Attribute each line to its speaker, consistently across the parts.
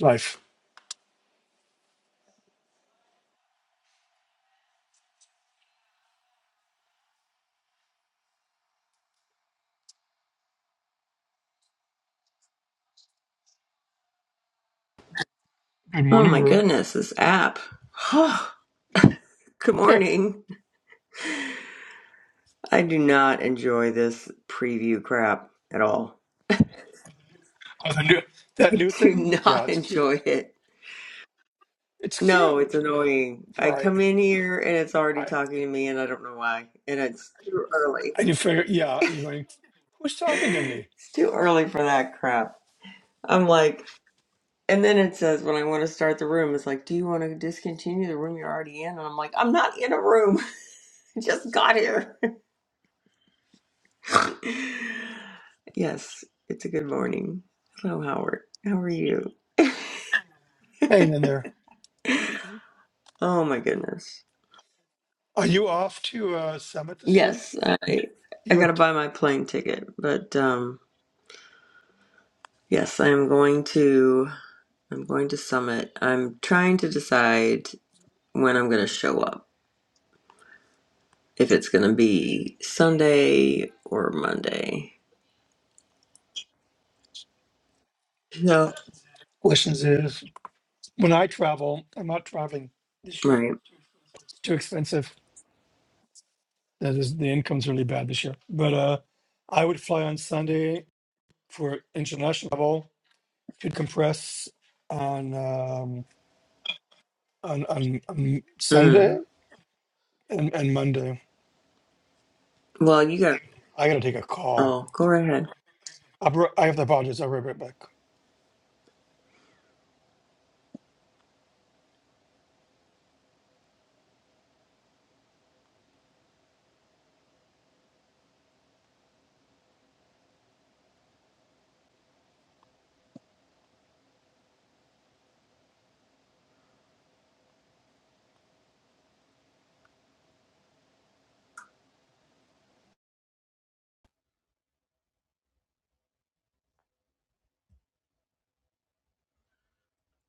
Speaker 1: Life. Good
Speaker 2: Oh
Speaker 1: morning,
Speaker 2: my
Speaker 1: room.
Speaker 2: goodness, this app. Oh, Good
Speaker 1: Yeah.
Speaker 2: morning. I do not enjoy this preview crap at all.
Speaker 1: Oh, the new, that new
Speaker 2: Do
Speaker 1: thing? Yeah,
Speaker 2: not
Speaker 1: it's cute.
Speaker 2: enjoy it.
Speaker 1: It's
Speaker 2: No, it's
Speaker 1: cute.
Speaker 2: annoying. I
Speaker 1: Right.
Speaker 2: come in here and it's already
Speaker 1: I,
Speaker 2: talking to me and I don't know why. And it's too early.
Speaker 1: and you figure, yeah, you're going, who's talking to me?
Speaker 2: It's too early for that crap. I'm like, and then it says when I want to start the room, it's like, do you want to discontinue the room you're already in? And I'm like, I'm not in a room. I just got here. yes, it's a good morning. Hello, Howard. How are you?
Speaker 1: Hanging in there.
Speaker 2: Oh my goodness.
Speaker 1: Are you off to a summit this year?
Speaker 2: Yes, I I
Speaker 1: Your
Speaker 2: gotta
Speaker 1: t-
Speaker 2: buy my plane ticket, but um, yes, I'm going to I'm going to Summit. I'm trying to decide when I'm gonna show up. If it's gonna be Sunday or Monday. Yeah.
Speaker 1: questions is when I travel, I'm not traveling this year.
Speaker 2: Right.
Speaker 1: It's too expensive. That is the income's really bad this year. But uh I would fly on Sunday for international travel to compress on um on on, on Sunday
Speaker 2: Mm.
Speaker 1: and, and Monday.
Speaker 2: Well, you got.
Speaker 1: I gotta take a call.
Speaker 2: Oh, go right ahead.
Speaker 1: I'll, be- I have to apologize. I'll be right back.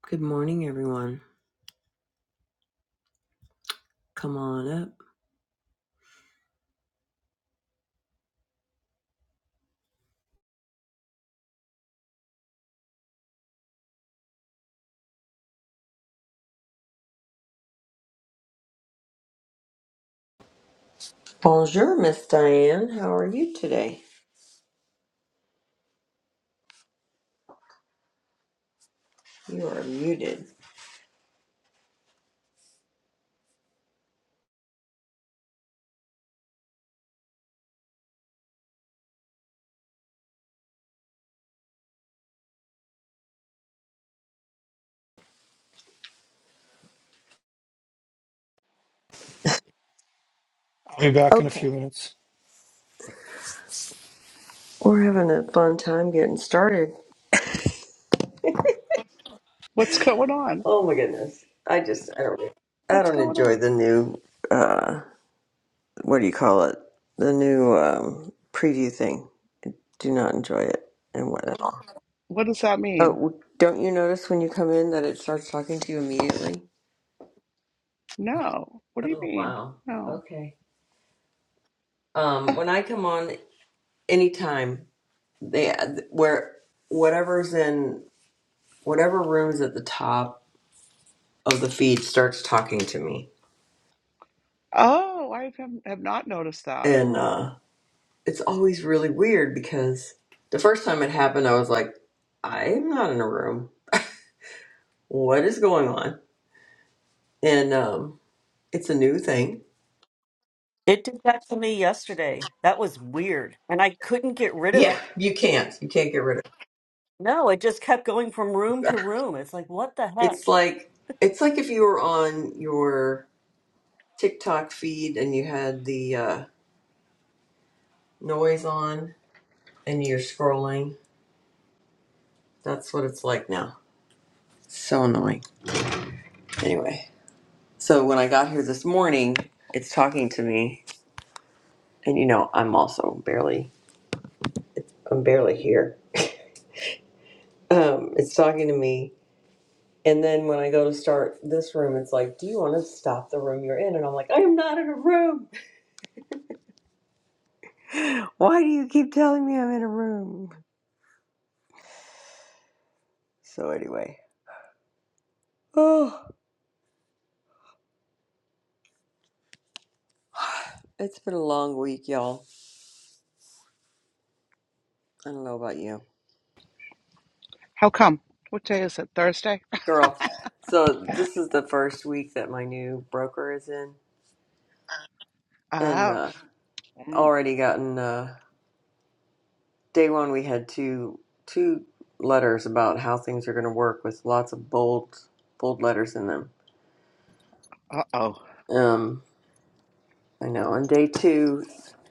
Speaker 2: Good morning, everyone. Come on up. Bonjour, Miss Diane. How are you today? You are muted.
Speaker 1: I'll be back in a
Speaker 2: Okay.
Speaker 1: few minutes.
Speaker 2: We're having a fun time getting started.
Speaker 3: What's going on?
Speaker 2: Oh my goodness. I just I don't I
Speaker 3: What's
Speaker 2: don't
Speaker 3: going
Speaker 2: enjoy
Speaker 3: on?
Speaker 2: the new uh what do you call it? The new um preview thing. Do not enjoy it and what at all.
Speaker 3: What does that
Speaker 2: Oh
Speaker 3: mean?
Speaker 2: w- don't you notice when you come in that it starts talking to you immediately?
Speaker 3: No. What do you
Speaker 2: Oh
Speaker 3: mean?
Speaker 2: wow.
Speaker 3: No.
Speaker 2: Okay. Um when I come on anytime they where whatever's in whatever room's at the top of the feed starts talking to me.
Speaker 3: Oh, I have, have not noticed that.
Speaker 2: And uh, it's always really weird because the first time it happened, I was like, I'm not in a room. What is going on? And um, it's a new thing.
Speaker 4: It did that to me yesterday. That was weird. And I couldn't get rid of
Speaker 2: Yeah,
Speaker 4: it.
Speaker 2: you can't. You can't get rid of it.
Speaker 4: No, it just kept going from room to room. It's like, what the heck?
Speaker 2: It's like it's like if you were on your TikTok feed and you had the uh, noise on and you're scrolling. That's what it's like now. So annoying. Anyway. So when I got here this morning, it's talking to me, and you know, I'm also barely, I'm barely here. Um, it's talking to me, and then when I go to start this room, it's like, "Do you want to stop the room you're in?" And I'm like, "I am not in a room. Why do you keep telling me I'm in a room?" So anyway, oh, it's been a long week, y'all. I don't know about you,
Speaker 3: How come? What day is it? Thursday?
Speaker 2: girl. So this is the first week that my new broker is in, and
Speaker 3: Ah.
Speaker 2: uh,
Speaker 3: Mm,
Speaker 2: already gotten. Uh, Day one, we had two two letters about how things are going to work with lots of bold bold letters in them.
Speaker 3: uh-oh.
Speaker 2: Um, I know. On day two,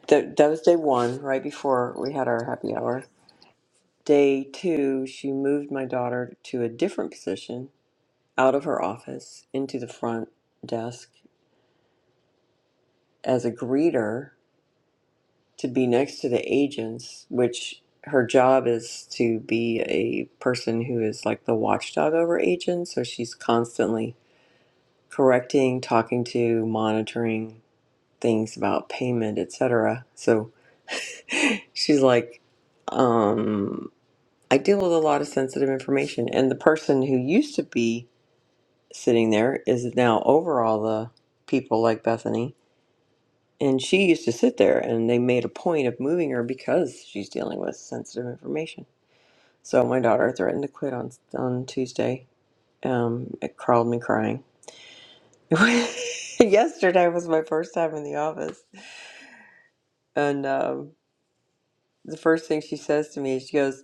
Speaker 2: that that was day one, right before we had our happy hour. Day two, she moved my daughter to a different position out of her office into the front desk as a greeter to be next to the agents, which her job is to be a person who is like the watchdog over agents. So she's constantly correcting, talking to, monitoring things about payment, etc. So she's like, um, I deal with a lot of sensitive information. And the person who used to be sitting there is now over all the people like Bethany. And she used to sit there, and they made a point of moving her because she's dealing with sensitive information. So my daughter threatened to quit on on Tuesday. Um, it crawled me crying. Yesterday was my first time in the office And um, the first thing she says to me is, she goes,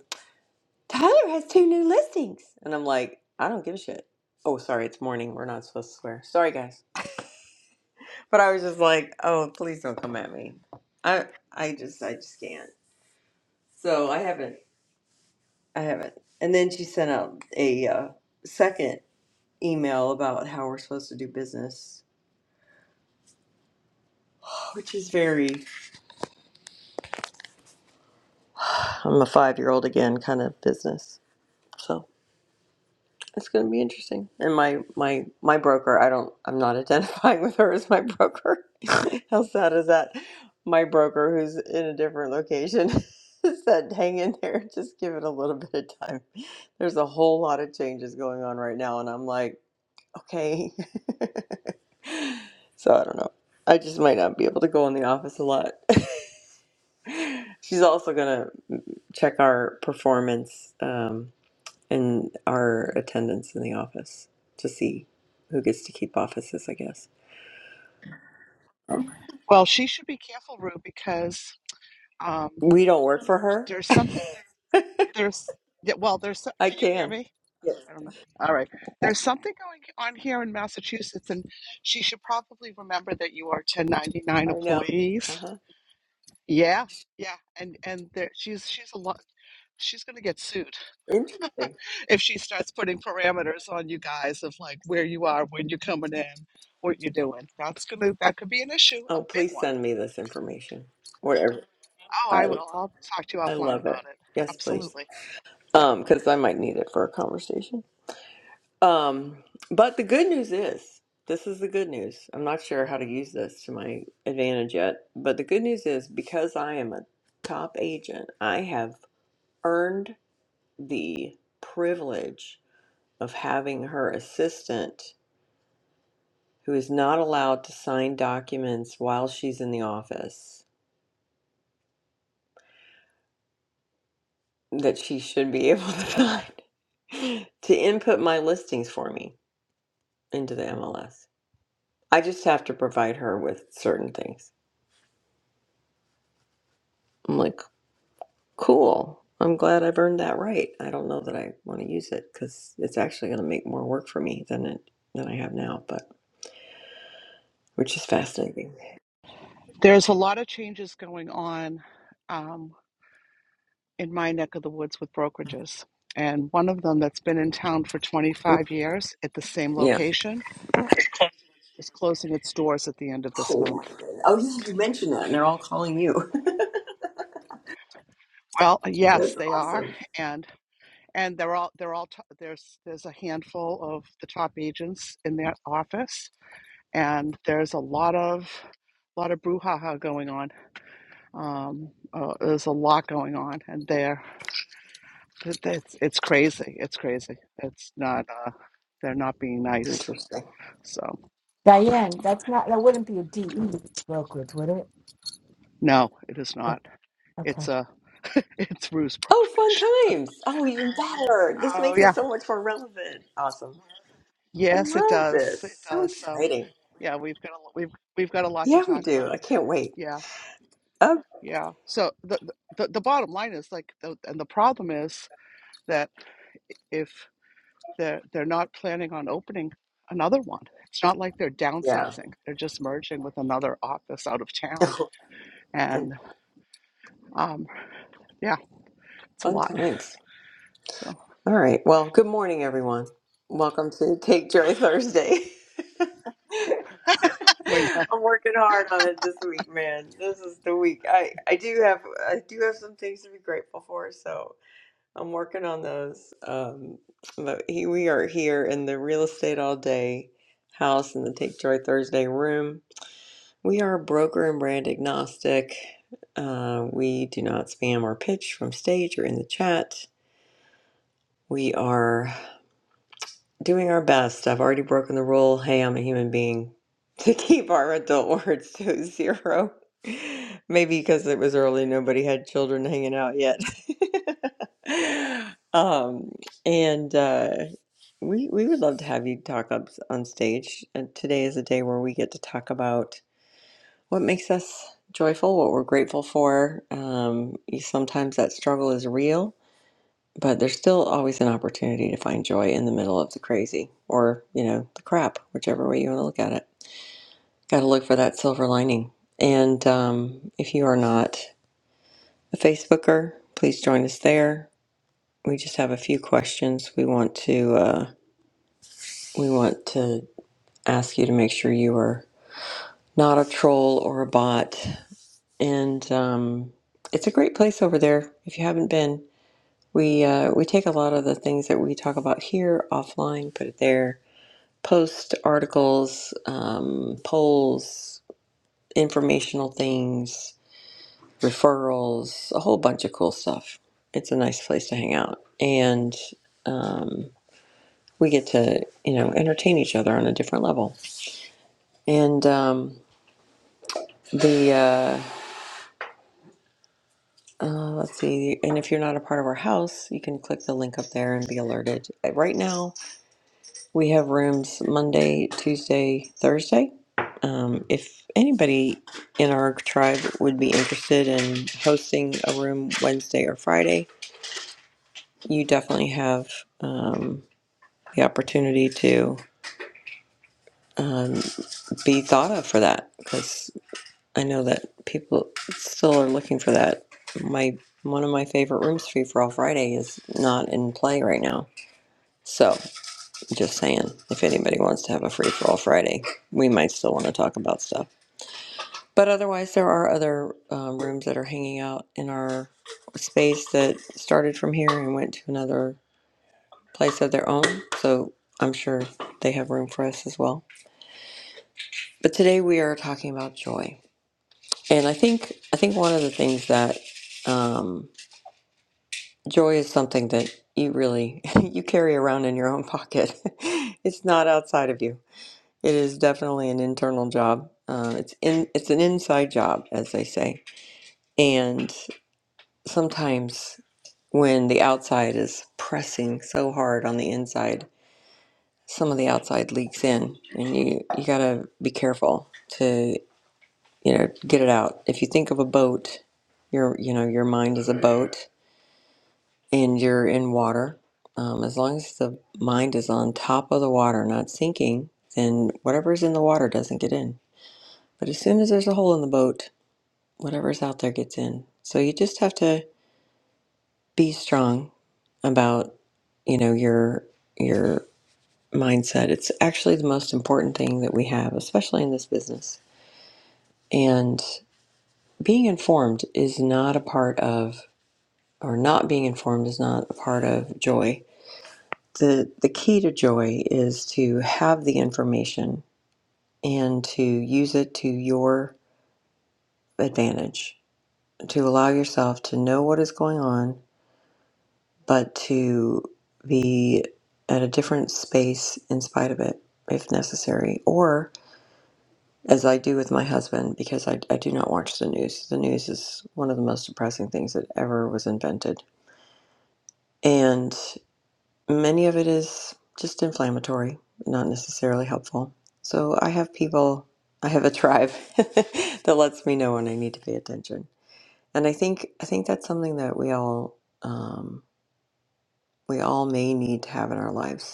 Speaker 2: Tyler has two new listings. And I'm like, I don't give a shit. Oh, sorry, it's morning. We're not supposed to swear. Sorry, guys. But I was just like, oh, please don't come at me. I, I just, I just can't. So I haven't, I haven't. And then she sent out a uh, second email about how we're supposed to do business, which is very, I'm a five year old again kind of business. So. It's going to be interesting. And my my my broker, I don't I'm not identifying with her as my broker. How sad is that? My broker who's in a different location said hang in there, just give it a little bit of time. There's a whole lot of changes going on right now and I'm like, okay. So I don't know. I just might not be able to go in the office a lot. She's also going to check our performance um, and our attendance in the office to see who gets to keep offices, I guess.
Speaker 3: Well, she should be careful, Rue, because um,
Speaker 2: We don't work for her.
Speaker 3: there's something, there's, yeah, well, there's, so-
Speaker 2: I
Speaker 3: can you hear
Speaker 2: can.
Speaker 3: me?
Speaker 2: Yes,
Speaker 3: I don't know. All right. There's something going on here in Massachusetts, and she should probably remember that you are 1099
Speaker 2: I know.
Speaker 3: employees
Speaker 2: Uh huh.
Speaker 3: Yeah, yeah, and and there, she's she's a lot. She's going to get sued
Speaker 2: Interesting.
Speaker 3: if she starts putting parameters on you guys of like where you are, when you're coming in, what you're doing. That's gonna that could be an issue, a
Speaker 2: Oh,
Speaker 3: big
Speaker 2: please
Speaker 3: one.
Speaker 2: send me this information. Whatever.
Speaker 3: Oh,
Speaker 2: I
Speaker 3: I will. I'll talk to you
Speaker 2: I
Speaker 3: offline
Speaker 2: love it.
Speaker 3: about it.
Speaker 2: Yes, please.
Speaker 3: Absolutely. Yeah.
Speaker 2: Um, because I might need it for a conversation. Um, but the good news is, this is the good news. I'm not sure how to use this to my advantage yet, but the good news is because I am a top agent, I have earned the privilege of having her assistant who is not allowed to sign documents while she's in the office that she should be able to sign to input my listings for me into the MLS. I just have to provide her with certain things. I'm like, cool. I'm glad I've earned that right. I don't know that I want to use it because it's actually going to make more work for me than it than I have now, but which is fascinating.
Speaker 3: There's a lot of changes going on um, in my neck of the woods with brokerages, and one of them that's been in town for
Speaker 2: Mm,
Speaker 3: 25 years at the same
Speaker 2: Yeah.
Speaker 3: location is closing its doors at the end of this
Speaker 2: Oh my
Speaker 3: month.
Speaker 2: goodness. Oh yeah, you mentioned that, and they're all calling you.
Speaker 3: Well, uh, yes,
Speaker 2: That's
Speaker 3: they are,
Speaker 2: awesome.
Speaker 3: and and they're all they're all to- there's there's a handful of the top agents in their office, and there's a lot of lot of brouhaha going on. Um, uh, there's a lot going on, and they're it- it's it's crazy. It's crazy. It's not. Uh, they're not being nice.
Speaker 2: Interesting.
Speaker 3: So
Speaker 5: Diane, that's not, that wouldn't be a DE brokerage, would it?
Speaker 3: no, it is not.
Speaker 5: Okay.
Speaker 3: It's a it's Ruse
Speaker 2: Oh, fun
Speaker 3: brokerage.
Speaker 2: times. Oh, even better. This
Speaker 3: Oh
Speaker 2: makes it so much more relevant. Awesome. I
Speaker 3: Yes, it
Speaker 2: love
Speaker 3: does. It
Speaker 2: this. So
Speaker 3: does. So,
Speaker 2: exciting.
Speaker 3: yeah, we've got a, lo- we've we've got a lot to
Speaker 2: Yeah, we
Speaker 3: talk
Speaker 2: do. I
Speaker 3: about.
Speaker 2: can't wait.
Speaker 3: Yeah,
Speaker 2: Oh,
Speaker 3: yeah. So the the, the the bottom line is like, the, and the problem is that if they're they're not planning on opening another one, it's not like they're
Speaker 2: yeah.
Speaker 3: downsizing. They're just merging with another office out of town,
Speaker 2: And
Speaker 3: and um, yeah, it's a
Speaker 2: fun
Speaker 3: lot.
Speaker 2: times.
Speaker 3: So
Speaker 2: All right. Well, good morning, everyone. Welcome to Take Joy Thursday. I'm
Speaker 3: we know.
Speaker 2: working hard on it this week, man. This is the week. I I do have I do have some things to be grateful for. So I'm working on those. Um, but he, we are here in the real estate all day house in the Take Joy Thursday room. We are broker and brand agnostic. Uh, we do not spam or pitch from stage or in the chat. We are doing our best. I've already broken the rule. Hey, I'm a human being. To keep our adult words to zero. Maybe because it was early, nobody had children hanging out yet. um, and uh, We we would love to have you talk up on stage. And today is a day where we get to talk about what makes us joyful, what we're grateful for. Um, you- sometimes that struggle is real, but there's still always an opportunity to find joy in the middle of the crazy or, you know, the crap, whichever way you want to look at it. Got to look for that silver lining. And um, if you are not a Facebooker, please join us there. We just have a few questions we want to uh, we want to ask you to make sure you are not a troll or a bot. And um, it's a great place over there if you haven't been. We uh, we take a lot of the things that we talk about here offline, put it there, post articles, um, polls, informational things, referrals, a whole bunch of cool stuff. It's a nice place to hang out, and um, we get to you know entertain each other on a different level. And um, the uh, Uh, let's see. And if you're not a part of our house, you can click the link up there and be alerted. Uh, Right now, we have rooms Monday, Tuesday, Thursday. Um, if anybody in our tribe would be interested in hosting a room Wednesday or Friday, you definitely have um, the opportunity to um, be thought of for that because I know that people still are looking for that. My one of my favorite rooms free for all Friday is not in play right now So, just saying, if anybody wants to have a free for all Friday, we might still want to talk about stuff. But otherwise, there are other um, rooms that are hanging out in our space that started from here and went to another place of their own. So, I'm sure they have room for us as well. But today we are talking about joy, and I think I think one of the things that um, joy is something that you really you carry around in your own pocket. it's not outside of you It is definitely an internal job. Uh, it's in it's an inside job, as they say. And sometimes when the outside is pressing so hard on the inside, some of the outside leaks in, and you you gotta be careful to you know get it out. If you think of a boat, your you know your mind is a boat, and you're in water. Um, as long as the mind is on top of the water, not sinking, then whatever's in the water doesn't get in But as soon as there's a hole in the boat, whatever's out there gets in. So you just have to be strong about, you know, your your mindset. It's actually the most important thing that we have, especially in this business. And being informed is not a part of or not being informed is not a part of joy. The the key to joy is to have the information and to use it to your advantage, to allow yourself to know what is going on but to be at a different space in spite of it if necessary or as i do with my husband because I, I do not watch the news the news is one of the most depressing things that ever was invented and many of it is just inflammatory not necessarily helpful so i have people i have a tribe that lets me know when i need to pay attention and i think i think that's something that we all um, we all may need to have in our lives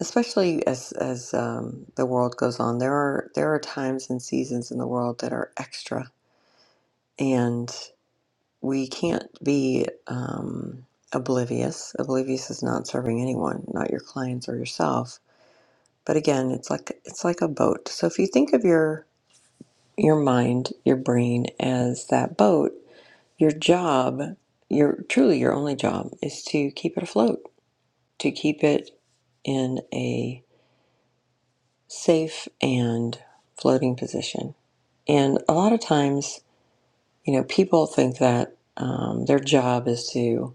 Speaker 2: especially as as um, the world goes on there are there are times and seasons in the world that are extra and we can't be um, oblivious oblivious is not serving anyone not your clients or yourself but again it's like it's like a boat so if you think of your your mind your brain as that boat your job your truly your only job is to keep it afloat to keep it in a. safe and floating position. And a lot of times, you know, people think that um, their job is to,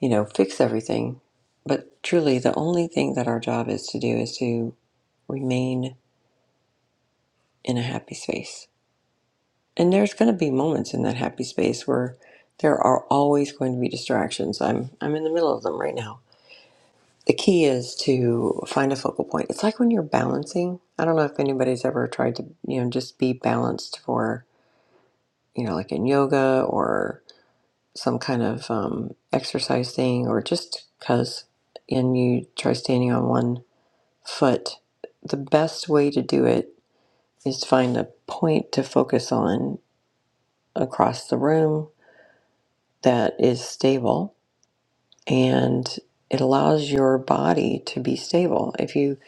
Speaker 2: you know, fix everything. But truly, the only thing that our job is to do is to remain in a happy space. And there's going to be moments in that happy space where there are always going to be distractions. I'm I'm in the middle of them right now. The key is to find a focal point. It's like when you're balancing. I don't know if anybody's ever tried to, you know, just be balanced for you know, like in yoga or some kind of um, exercise thing, or just because, and you try standing on one foot, the best way to do it is to find a point to focus on across the room that is stable and it allows your body to be stable. If you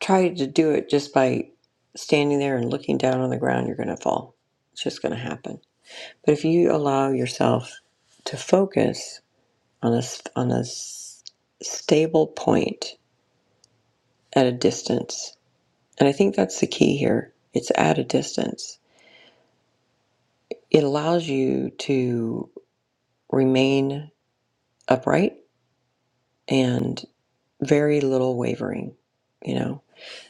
Speaker 2: try to do it just by standing there and looking down on the ground, you're going to fall. It's just going to happen. But if you allow yourself to focus on a on a s- stable point at a distance. And I think that's the key here. It's at a distance. It allows you to remain upright and very little wavering, you know.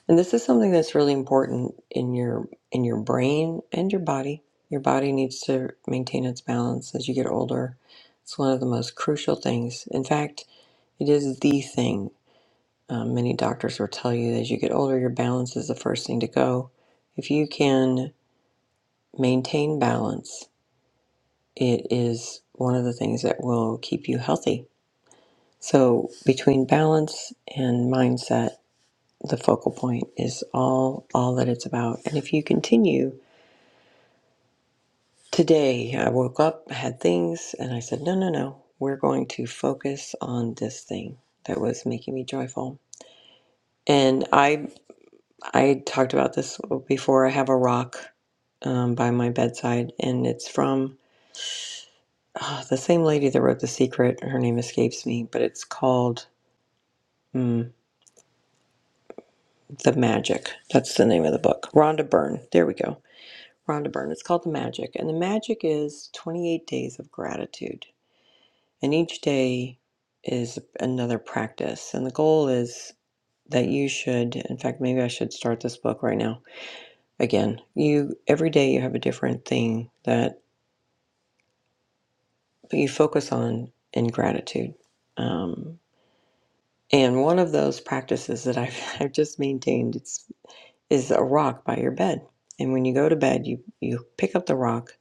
Speaker 2: And this is something that's really important in your in your brain and your body. Your body needs to maintain its balance as you get older. It's one of the most crucial things. In fact, it is the thing Um, many doctors will tell you that as you get older, your balance is the first thing to go. If you can maintain balance, it is one of the things that will keep you healthy. So between balance and mindset, the focal point is all all that it's about. And if you continue today, I woke up, had things, and I said, no, no, no, we're going to focus on this thing that was making me joyful. And I I talked about this before. I have a rock um, by my bedside, and it's from uh, the same lady that wrote The Secret. Her name escapes me, but it's called mm, The Magic. That's the name of the book. Rhonda Byrne. There we go. Rhonda Byrne. It's called The Magic. And the magic is 28 days of gratitude. And each day is another practice. And the goal is that you should, in fact, maybe I should start this book right now. Again, you every day you have a different thing that you focus on in gratitude. Um, and one of those practices that I've, I've just maintained it's, is a rock by your bed. And when you go to bed, you, you pick up the rock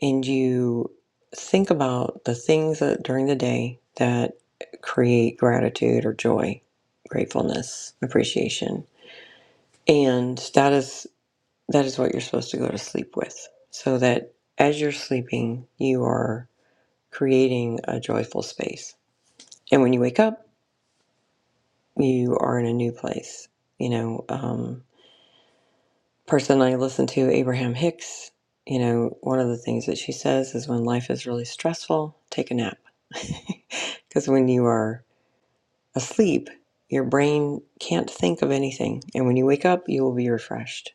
Speaker 2: and you think about the things that during the day that create gratitude or joy, gratefulness, appreciation. And that is that is what you're supposed to go to sleep with. So that as you're sleeping, you are creating a joyful space. And when you wake up, you are in a new place. You know, um, person I listen to, Abraham Hicks, you know, one of the things that she says is when life is really stressful, take a nap. Because when you are asleep, your brain can't think of anything. And when you wake up, you will be refreshed.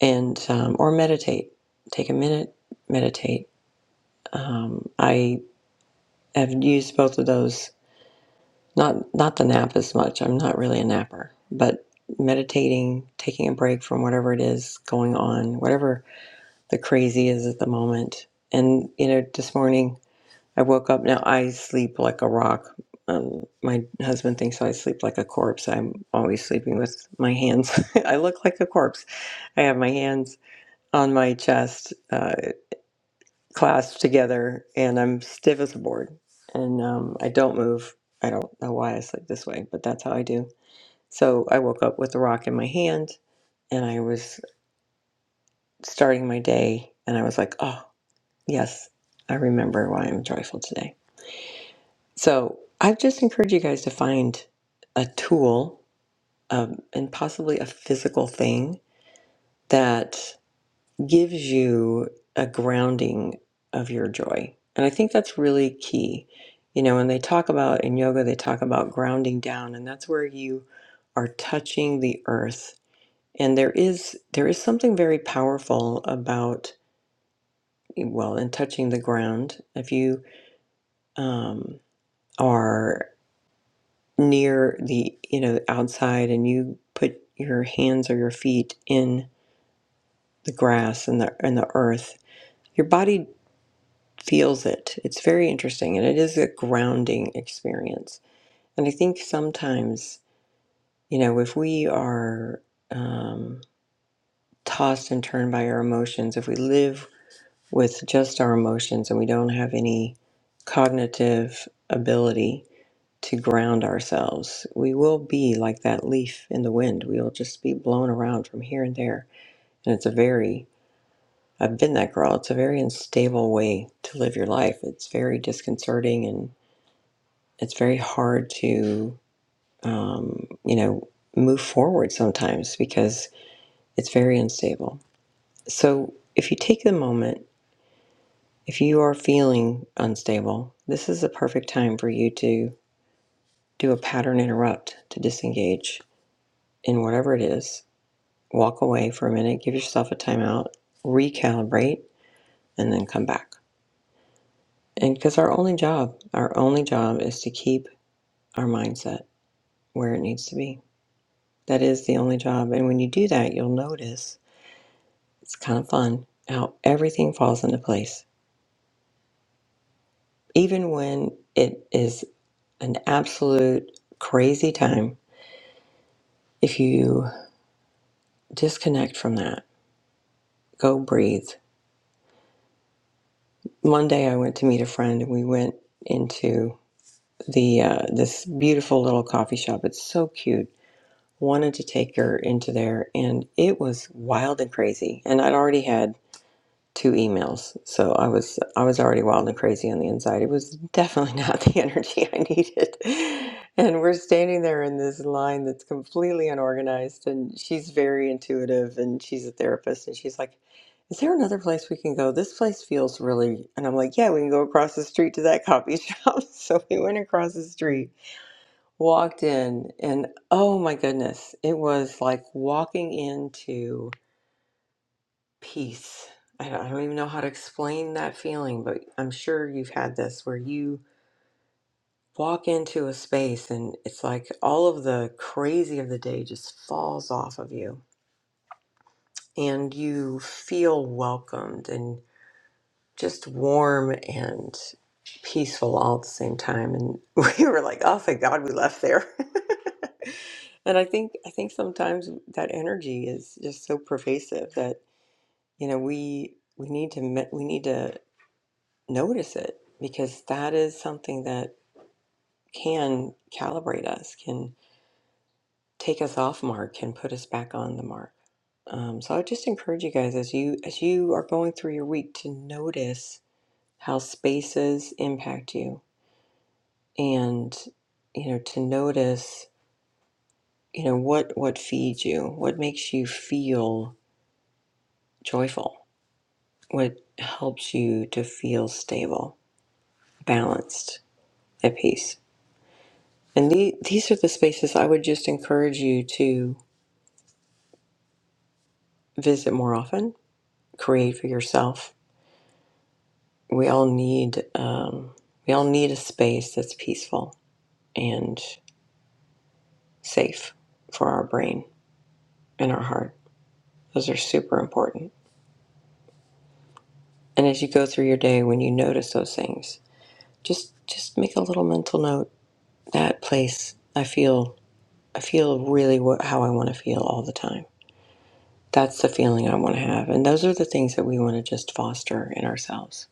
Speaker 2: And, um, or meditate. Take a minute, meditate. Um, I have used both of those Not not the nap as much. I'm not really a napper, but meditating, taking a break from whatever it is going on, whatever the crazy is at the moment. And you know, this morning I woke up. Now I sleep like a rock. Um, my husband thinks I sleep like a corpse. I'm always sleeping with my hands. I look like a corpse. I have my hands on my chest, uh, clasped together, and I'm stiff as a board. And um, I don't move. I don't know why I sleep this way, but that's how I do. So I woke up with a rock in my hand and I was starting my day and I was like, oh, yes, I remember why I'm joyful today. So I just encourage you guys to find a tool um, and possibly a physical thing that gives you a grounding of your joy. And I think that's really key. You know, when they talk about in yoga, they talk about grounding down, and that's where you are touching the earth And there is there is something very powerful about well, in touching the ground, if you um, are near the you know outside and you put your hands or your feet in the grass and the and the earth, your body feels it. It's very interesting, and it is a grounding experience. And I think sometimes you know if we are um, tossed and turned by our emotions, if we live with just our emotions and we don't have any cognitive ability to ground ourselves, we will be like that leaf in the wind. We will just be blown around from here and there. And it's a very, I've been that girl, it's a very unstable way to live your life. It's very disconcerting and it's very hard to, um, you know, move forward sometimes because it's very unstable. So if you take the moment, If you are feeling unstable, this is the perfect time for you to do a pattern interrupt to disengage in whatever it is. Walk away for a minute, give yourself a timeout, recalibrate, and then come back. And because our only job, our only job is to keep our mindset where it needs to be. That is the only job. And when you do that, you'll notice it's kind of fun how everything falls into place. Even when it is an absolute crazy time, if you disconnect from that. Go breathe. Monday, I went to meet a friend, and we went into the uh, this beautiful little coffee shop. It's so cute. Wanted to take her into there, and it was wild and crazy. And I'd already had two emails. So I was I was already wild and crazy on the inside. It was definitely not the energy I needed. And we're standing there in this line that's completely unorganized and she's very intuitive and she's a therapist and she's like, "Is there another place we can go? This place feels really..." And I'm like, "Yeah, we can go across the street to that coffee shop." So we went across the street, walked in, and oh my goodness, it was like walking into peace. I don't, I don't even know how to explain that feeling, but I'm sure you've had this where you walk into a space and it's like all of the crazy of the day just falls off of you and you feel welcomed and just warm and peaceful all at the same time and we were like oh thank god we left there and i think i think sometimes that energy is just so pervasive that you know we we need to me- we need to notice it because that is something that can calibrate us, can take us off mark, can put us back on the mark. Um, so I just encourage you guys as you as you are going through your week to notice how spaces impact you, and you know to notice you know what what feeds you, what makes you feel joyful, what helps you to feel stable, balanced, at peace. And the, these are the spaces I would just encourage you to visit more often, create for yourself. We all need um, we all need a space that's peaceful and safe for our brain and our heart. Those are super important. And as you go through your day, when you notice those things, just just make a little mental note. That place, I feel I feel really wh- how I want to feel all the time. That's the feeling I want to have, and those are the things that we want to just foster in ourselves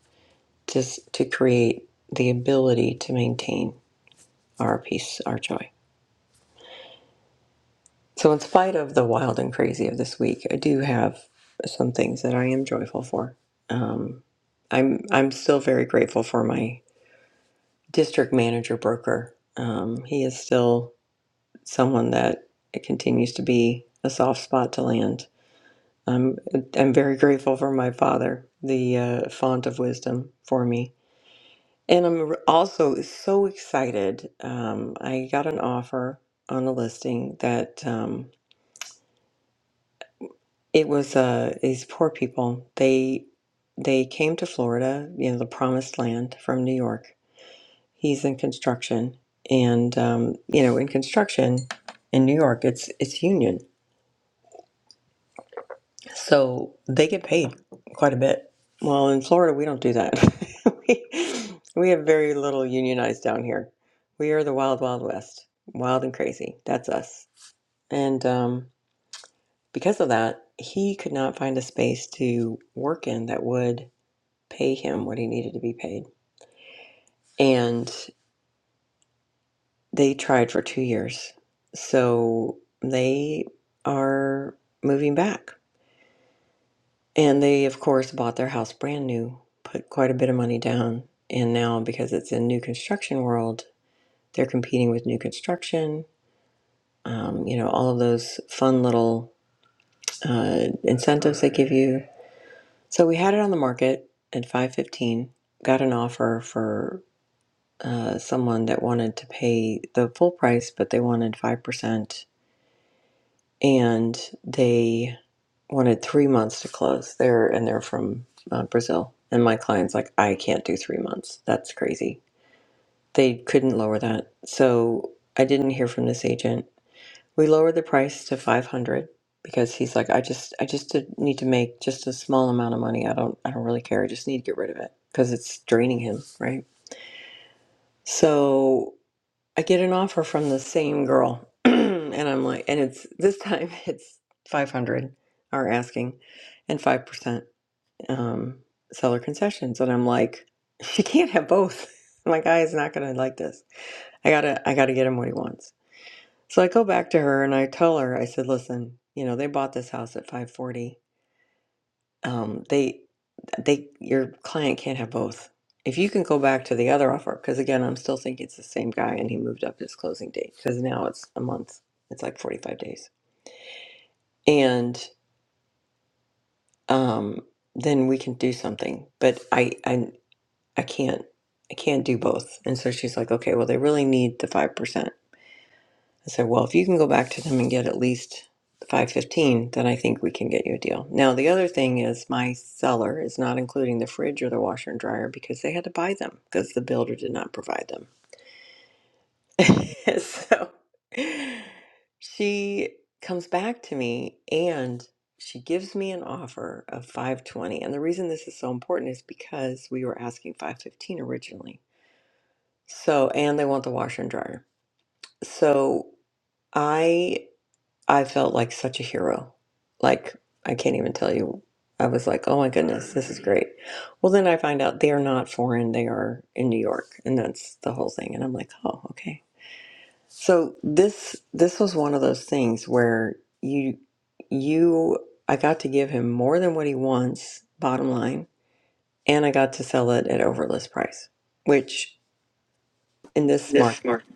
Speaker 2: just to create the ability to maintain our peace, our joy. So, in spite of the wild and crazy of this week, I do have some things that I am joyful for. Um, I'm I'm still very grateful for my district manager broker. Um, he is still someone that it continues to be a soft spot to land. I'm I'm very grateful for my father, the uh, font of wisdom for me And I'm r- also so excited. Um, I got an offer on a listing that um, it was uh, these poor people. They they came to Florida, you know, the promised land from New York. He's in construction, and um, you know, in construction in New York, it's it's union. So they get paid quite a bit. Well, in Florida, we don't do that. we, we have very little unionized down here. We are the wild, wild west, wild and crazy. That's us. And um, because of that, he could not find a space to work in that would pay him what he needed to be paid. And they tried for two years. So they are moving back And they, of course, bought their house brand new, put quite a bit of money down. And now, because it's a new construction world, they're competing with new construction. Um, you know, all of those fun little uh, incentives they give you. So we had it on the market at 515. Got an offer for uh, someone that wanted to pay the full price, but they wanted 5%. and they wanted three months to close. They're and they're from uh, Brazil, and my client's like, I can't do three months. That's crazy. They couldn't lower that, so I didn't hear from this agent. We lowered the price to five hundred because he's like, I just, I just did- need to make just a small amount of money. I don't, I don't really care. I just need to get rid of it because it's draining him, right? So. I get an offer from the same girl, and I'm like, and it's this time it's 500 are asking, and five percent um, seller concessions, and I'm like, she can't have both. My guy is not gonna like this. I gotta, I gotta get him what he wants. So I go back to her and I tell her, I said, listen, you know, they bought this house at 540 um, they they your client can't have both. If you can go back to the other offer, because again, I'm still thinking it's the same guy, and he moved up his closing date because now it's a month. It's like 45 days, and um, then we can do something. But I I I can't I can't do both. And so she's like, okay, well, they really need the 5%. I said, well, if you can go back to them and get at least 515, then I think we can get you a deal. Now, the other thing is my seller is not including the fridge or the washer and dryer because they had to buy them because the builder did not provide them. so she comes back to me and she gives me an offer of 520. And the reason this is so important is because we were asking 515 originally. So, and they want the washer and dryer. So, I. I felt like such a hero. Like, I can't even tell you. I was like, oh my goodness, this is great. Well, then I find out they're not foreign, they are in New York. And that's the whole thing. And I'm like, oh, okay. So this this was one of those things where you you I got to give him more than what he wants, bottom line, and I got to sell it at overlist price, which in this
Speaker 6: this
Speaker 2: market
Speaker 6: morning.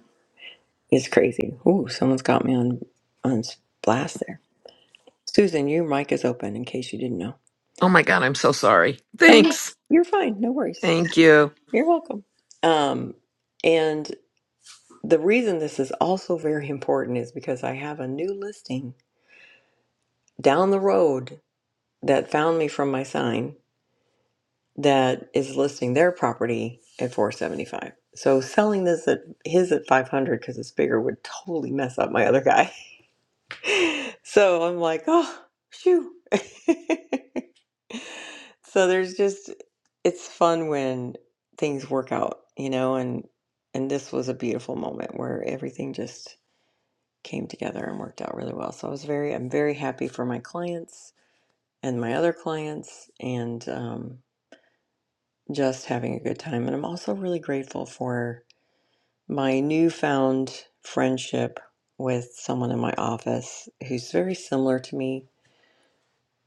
Speaker 2: is crazy. Ooh, someone's got me on on blast there. Susan, your mic is open in case you didn't know.
Speaker 6: Oh my God, I'm so sorry.
Speaker 2: Oh, no,
Speaker 6: Thanks.
Speaker 2: you're fine. No worries.
Speaker 6: Thank you.
Speaker 2: You're welcome. Um, and the reason this is also very important is because I have a new listing down the road that found me from my sign that is listing their property at 475. So selling this at his at 500 because it's bigger would totally mess up my other guy. So I'm like, oh, phew. So there's just, it's fun when things work out, you know, and and this was a beautiful moment where everything just came together and worked out really well. So I was very, I'm very happy for my clients and my other clients and um, just having a good time. And I'm also really grateful for my newfound friendship with someone in my office who's very similar to me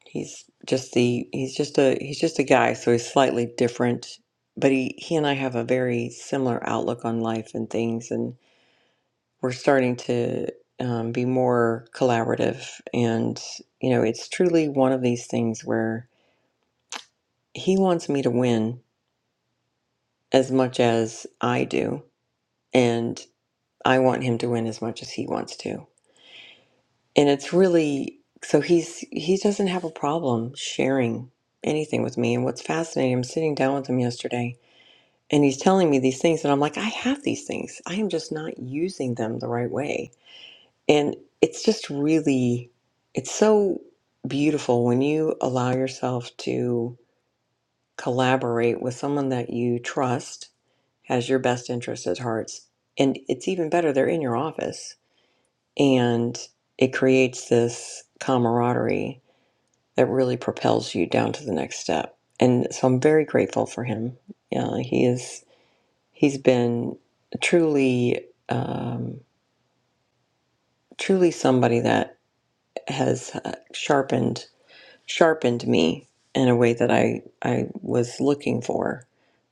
Speaker 2: He's just the he's just a he's just a guy, so he's slightly different, but he he and I have a very similar outlook on life and things, and we're starting to um, be more collaborative. And you know, it's truly one of these things where he wants me to win as much as I do, and I want him to win as much as he wants to. And it's really so he's he doesn't have a problem sharing anything with me. And what's fascinating, I'm sitting down with him yesterday and he's telling me these things and i'm like i have these things i am just not using them the right way and it's just really it's so beautiful when you allow yourself to collaborate with someone that you trust has your best interest at heart and it's even better they're in your office and it creates this camaraderie that really propels you down to the next step and so i'm very grateful for him yeah he is He's been truly, um, truly somebody that has uh, sharpened sharpened me in a way that I I was looking for,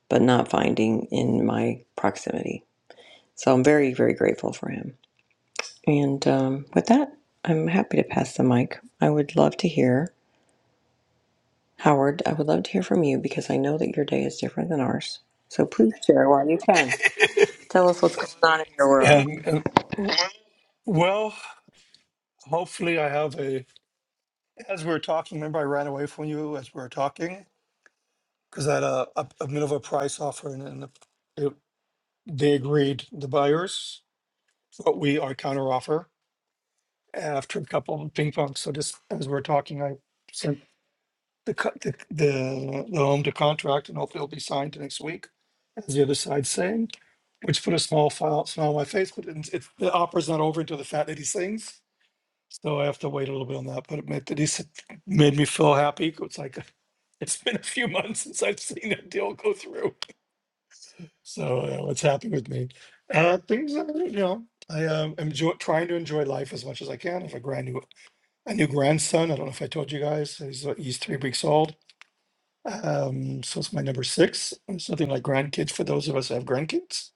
Speaker 2: but not finding in my proximity. So I'm very very grateful for him. And um, with that, I'm happy to pass the mic. I would love to hear Howard. I would love to hear from you because I know that your day is different than ours. So please share while you can. Tell us what's going on in your world.
Speaker 1: And, and w- well, hopefully I have a. As we were talking, remember I ran away from you as we were talking because I had a, a, a Minerva price offer and, and it, they agreed, the buyers, but we our counter offer after a couple of ping pong. So just as we are talking, I sent the, co- the, the, the home to contract and hopefully it'll be signed next week, as the other side's saying, which put a small file, smile on my face, but it's, it's, the opera's not over until the Fat Lady sings. So I have to wait a little bit on that, but it made, it is- made me feel happy. 'Cause It's like, it's been a few months since I've seen that deal go through. So uh, it's happy with me. Uh, things are, you know, I um, enjoy trying to enjoy life as much as I can. I have a grand new, a new grandson. I don't know if I told you guys, he's, uh, he's three weeks old um, so it's my number six. It's nothing like grandkids for those of us that have grandkids.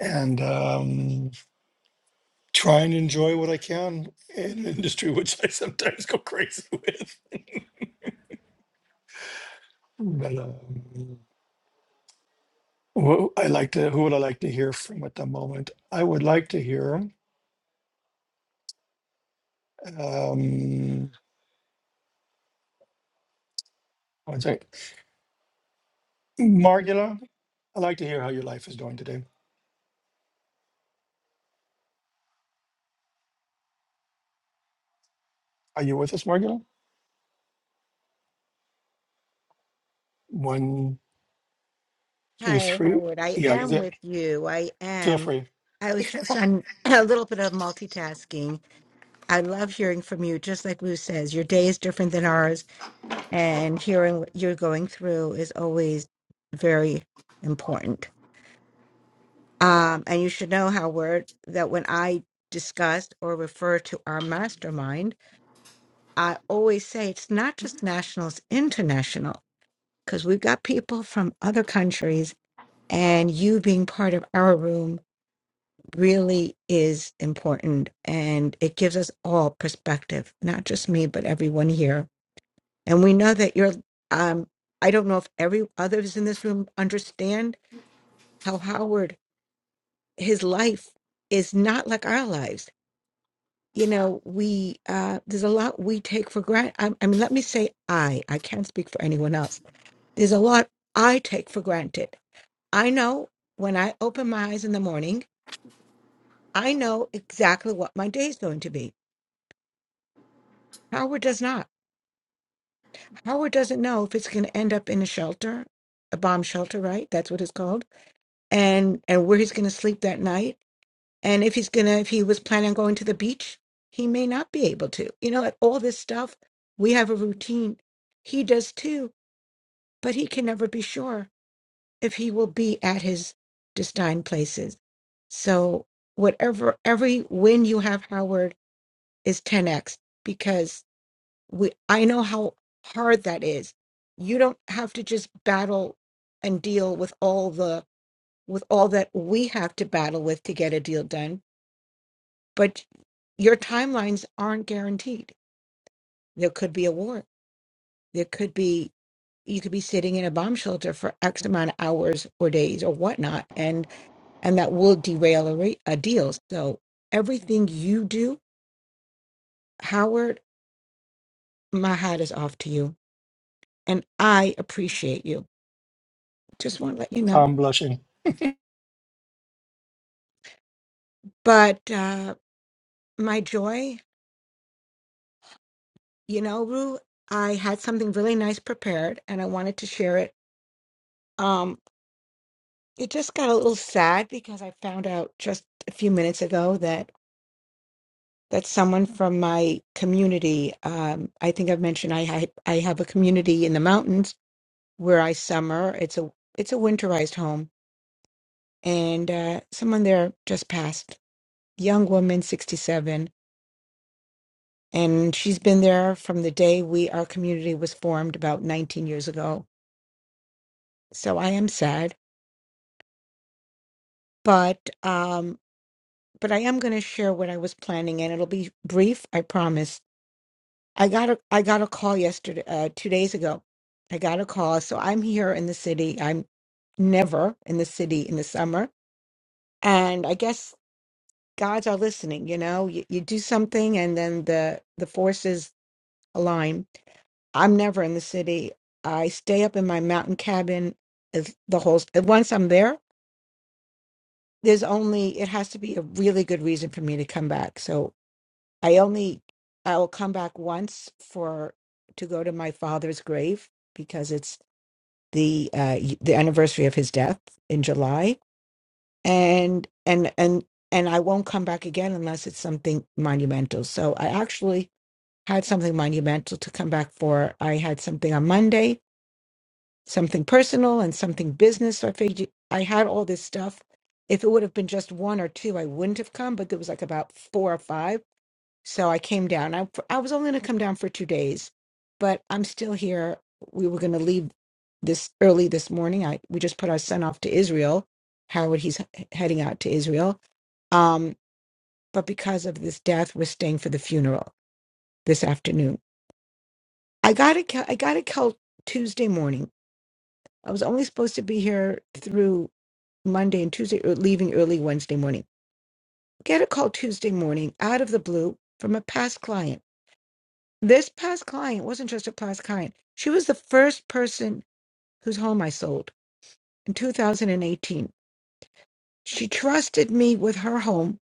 Speaker 1: And um, try and enjoy what I can in an industry which I sometimes go crazy with. But um, who I like to, who would I like to hear from at the moment? I would like to hear, um, one second, Margula. I'd like to hear how your life is going today. Are you with us, Margula? One, two,
Speaker 5: Hi,
Speaker 1: three.
Speaker 5: Howard. I
Speaker 1: Yeah, is
Speaker 5: am
Speaker 1: it?
Speaker 5: with you. I
Speaker 1: Feel
Speaker 5: am.
Speaker 1: free.
Speaker 5: I was just on a little bit of multitasking. I love hearing from you. Just like Lou says, your day is different than ours, and hearing what you're going through is always very important. Um, and you should know, Howard, that when I discuss or refer to our mastermind, I always say it's not just national, it's international because we've got people from other countries, and you being part of our room really is important. And it gives us all perspective, not just me, but everyone here. And we know that you're, um, I don't know if every others in this room understand how Howard, his life is not like our lives. You know, we, uh, there's a lot we take for granted. I, I mean, let me say I, I can't speak for anyone else. There's a lot I take for granted I know when I open my eyes in the morning, I know exactly what my day is going to be. Howard does not. Howard doesn't know if it's going to end up in a shelter, a bomb shelter, right? That's what it's called, and and where he's going to sleep that night, and if he's gonna, if he was planning on going to the beach, he may not be able to. You know, like all this stuff, we have a routine. He does too, but he can never be sure. if he will be at his destined places. So whatever every win you have, Howard, is 10x because we I know how hard that is. You don't have to just battle and deal with all the with all that we have to battle with to get a deal done, but your timelines aren't guaranteed. There could be a war. There could be you could be sitting in a bomb shelter for X amount of hours or days or whatnot. and that will derail a, re- a deal. So everything you do, Howard, my hat is off to you, and I appreciate you. Just want to let you know.
Speaker 1: I'm blushing.
Speaker 5: But uh, my joy, you know, Rue, I had something really nice prepared, and I wanted to share it. Um, it just got a little sad because I found out just a few minutes ago that that someone from my community, um, I think I've mentioned I, I I have a community in the mountains where I summer. It's a it's a winterized home, and uh, someone there just passed, young woman, sixty seven, and she's been there from the day we our community was formed about nineteen years ago. So I am sad, but um, but I am going to share what I was planning, and it'll be brief, I promise. I got a I got a call yesterday, uh, two days ago. I got a call, so I'm here in the city. I'm never in the city in the summer. And I guess gods are listening you know you, you do something and then the the forces align i'm never in the city i stay up in my mountain cabin if the whole once i'm there there's only it has to be a really good reason for me to come back so i only i will come back once for to go to my father's grave because it's the uh y- the anniversary of his death in july and and and and I won't come back again unless it's something monumental. So I actually had something monumental to come back for. I had something on Monday, something personal and something business. So I figured I had all this stuff. If it would have been just one or two, I wouldn't have come, but there was like about four or five. So I came down. I, I was only going to come down for two days, but I'm still here. We were going to leave this early this morning. I, we just put our son off to Israel. Howard, he's he- heading out to Israel. Um, but because of this death, we're staying for the funeral this afternoon I got a it. I got a called Tuesday morning. I was only supposed to be here through Monday and Tuesday, or leaving early Wednesday morning. Get a call Tuesday morning out of the blue from a past client. This past client wasn't just a past client. She was the first person whose home I sold in 2018. She trusted me with her home.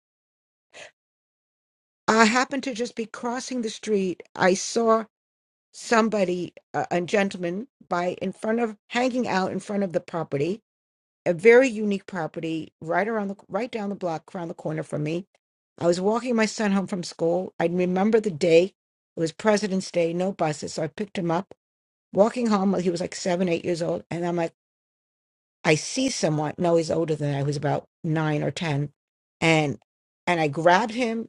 Speaker 5: I happened to just be crossing the street. I saw somebody, a, a gentleman, by in front of hanging out in front of the property a very unique property right around the right down the block around the corner from me i was walking my son home from school i remember the day it was president's day no buses so i picked him up walking home well, he was like seven eight years old and i'm like i see someone no he's older than i he was about nine or ten and and i grabbed him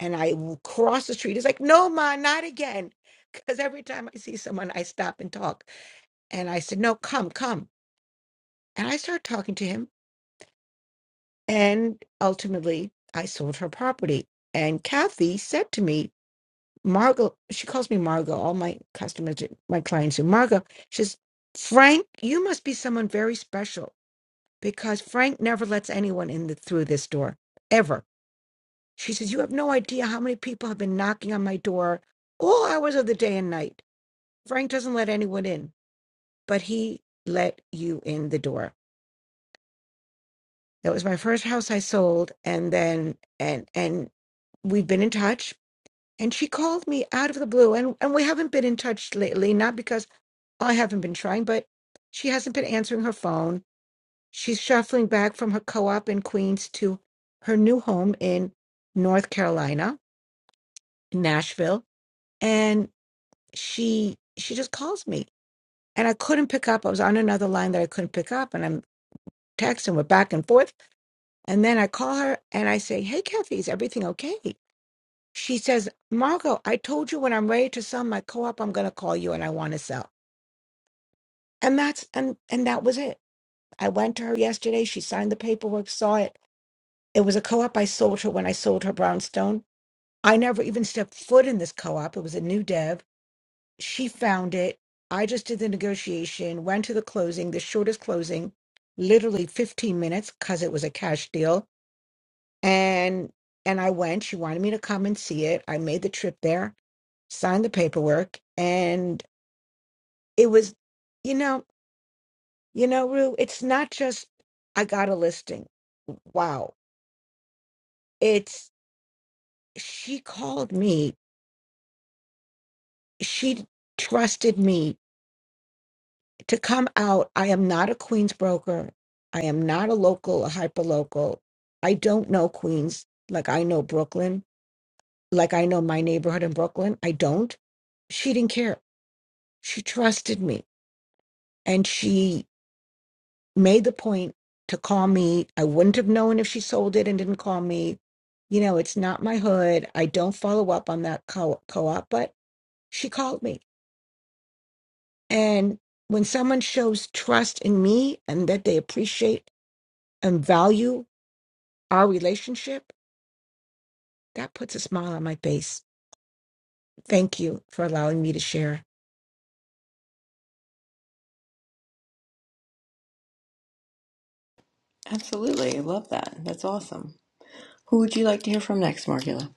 Speaker 5: and i w- crossed the street he's like no ma not again because every time i see someone i stop and talk and i said no come come and i started talking to him And ultimately, I sold her property. And Kathy said to me, Margot, she calls me Margot. All my customers, my clients, are Margot. She says, Frank, you must be someone very special because Frank never lets anyone in the, through this door ever. She says, You have no idea how many people have been knocking on my door all hours of the day and night. Frank doesn't let anyone in, but he let you in the door. That was my first house I sold. And then, and, and, We've been in touch And she called me out of the blue. And, and we haven't been in touch lately, not because I haven't been trying, but she hasn't been answering her phone. She's shuffling back from her co op in Queens to her new home in North Carolina, in Nashville. And she she just calls me. And I couldn't pick up. I was on another line that I couldn't pick up. And I'm texting, we're back and forth. And then I call her and I say, Hey, Kathy, is everything okay? She says, Margot, I told you when I'm ready to sell my co-op, I'm gonna call you and I want to sell. And that's and and that was it. I went to her yesterday, she signed the paperwork, saw it. It was a co-op I sold her when I sold her brownstone. I never even stepped foot in this co-op. It was a new dev. She found it. I just did the negotiation, went to the closing, the shortest closing, literally 15 minutes, because it was a cash deal. And and I went. She wanted me to come and see it. I made the trip there. signed the paperwork and it was you know you know rue it's not just i got a listing wow it's she called me she trusted me to come out i am not a queens broker i am not a local a hyper local i don't know queens like i know brooklyn like i know my neighborhood in brooklyn i don't she didn't care she trusted me and she made the point to call me. I wouldn't have known if she sold it and didn't call me. You know, it's not my hood. I don't follow up on that co- co-op, but she called me. And when someone shows trust in me and that they appreciate and value our relationship, that puts a smile on my face. Thank you for allowing me to share.
Speaker 2: Absolutely. I love that. That's awesome. Who would you like to hear from next, Margula?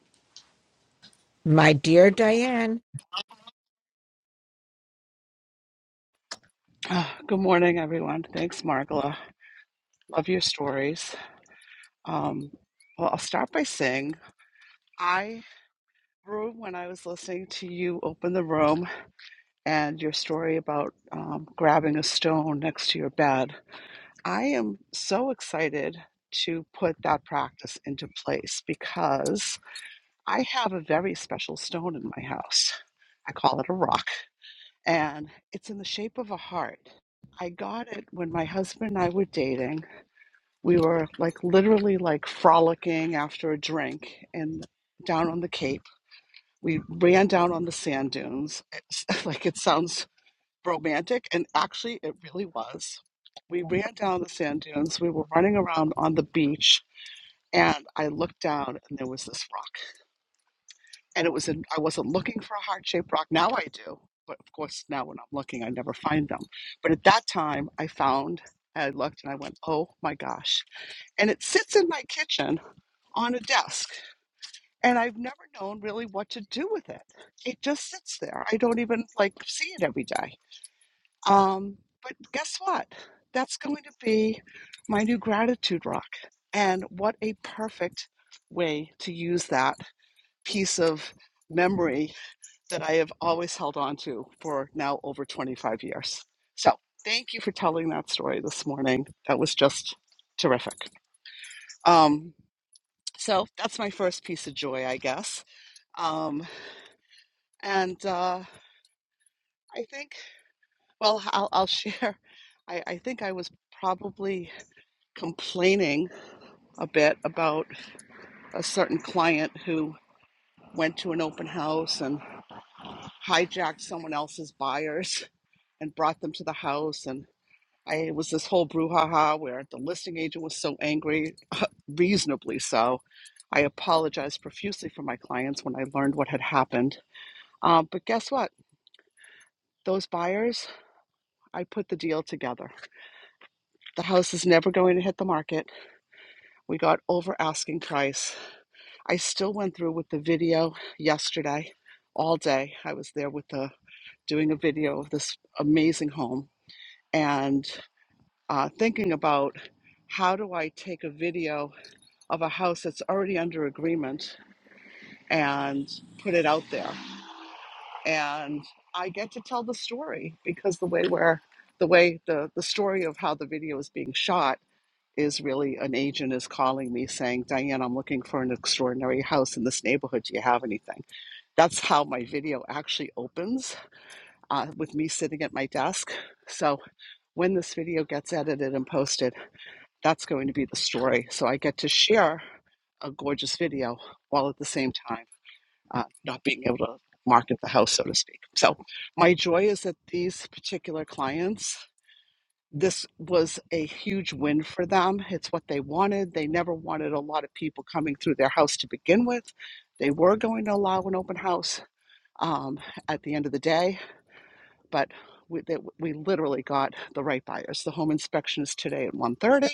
Speaker 5: My dear Diane,
Speaker 3: Ah, Good morning, everyone. Thanks, Margola. Love your stories. Um, well, I'll start by saying. I. room when I was listening to you open the room and your story about um, grabbing a stone next to your bed. I am so excited to put that practice into place because I have a very special stone in my house. I call it a rock, and it's in the shape of a heart. I got it when my husband and I were dating. We were like literally like frolicking after a drink and down on the Cape We ran down on the sand dunes. It's, like it sounds romantic, and actually, it really was. We ran down the sand dunes. We were running around on the beach, and I looked down, and there was this rock. And it was in, I wasn't looking for a heart shaped rock. Now I do. But of course, now when I'm looking, I never find them. But at that time, I found, I looked, and I went, oh my gosh. And it sits in my kitchen on a desk and I've never known really what to do with it. It just sits there. I don't even like see it every day. Um, but guess what? That's going to be my new gratitude rock. And what a perfect way to use that piece of memory that I have always held on to for now over 25 years. So thank you for telling that story this morning. That was just terrific. Um, so that's my first piece of joy, I guess. Um, And uh, I think, well, I'll, I'll share. I, I think I was probably complaining a bit about a certain client who went to an open house and hijacked someone else's buyers and brought them to the house. And I, it was this whole brouhaha where the listing agent was so angry, reasonably so. I apologized profusely for my clients when I learned what had happened. Um, but guess what? Those buyers, I put the deal together The house is never going to hit the market. We got over asking price. I still went through with the video yesterday all day. I was there with the doing a video of this amazing home and uh, thinking about how do I take a video of a house that's already under agreement and put it out there. And I get to tell the story because the way where the way the, the story of how the video is being shot is really an agent is calling me saying, Diane, I'm looking for an extraordinary house in this neighborhood. Do you have anything? That's how my video actually opens uh, with me sitting at my desk. So when this video gets edited and posted, that's going to be the story. So I get to share a gorgeous video while at the same time uh, not being able to market the house, so to speak. So my joy is that these particular clients this was a huge win for them. It's what they wanted. They never wanted a lot of people coming through their house to begin with. They were going to allow an open house um, at the end of the day, but we, that we literally got the right buyers. The home inspection is today at one thirty,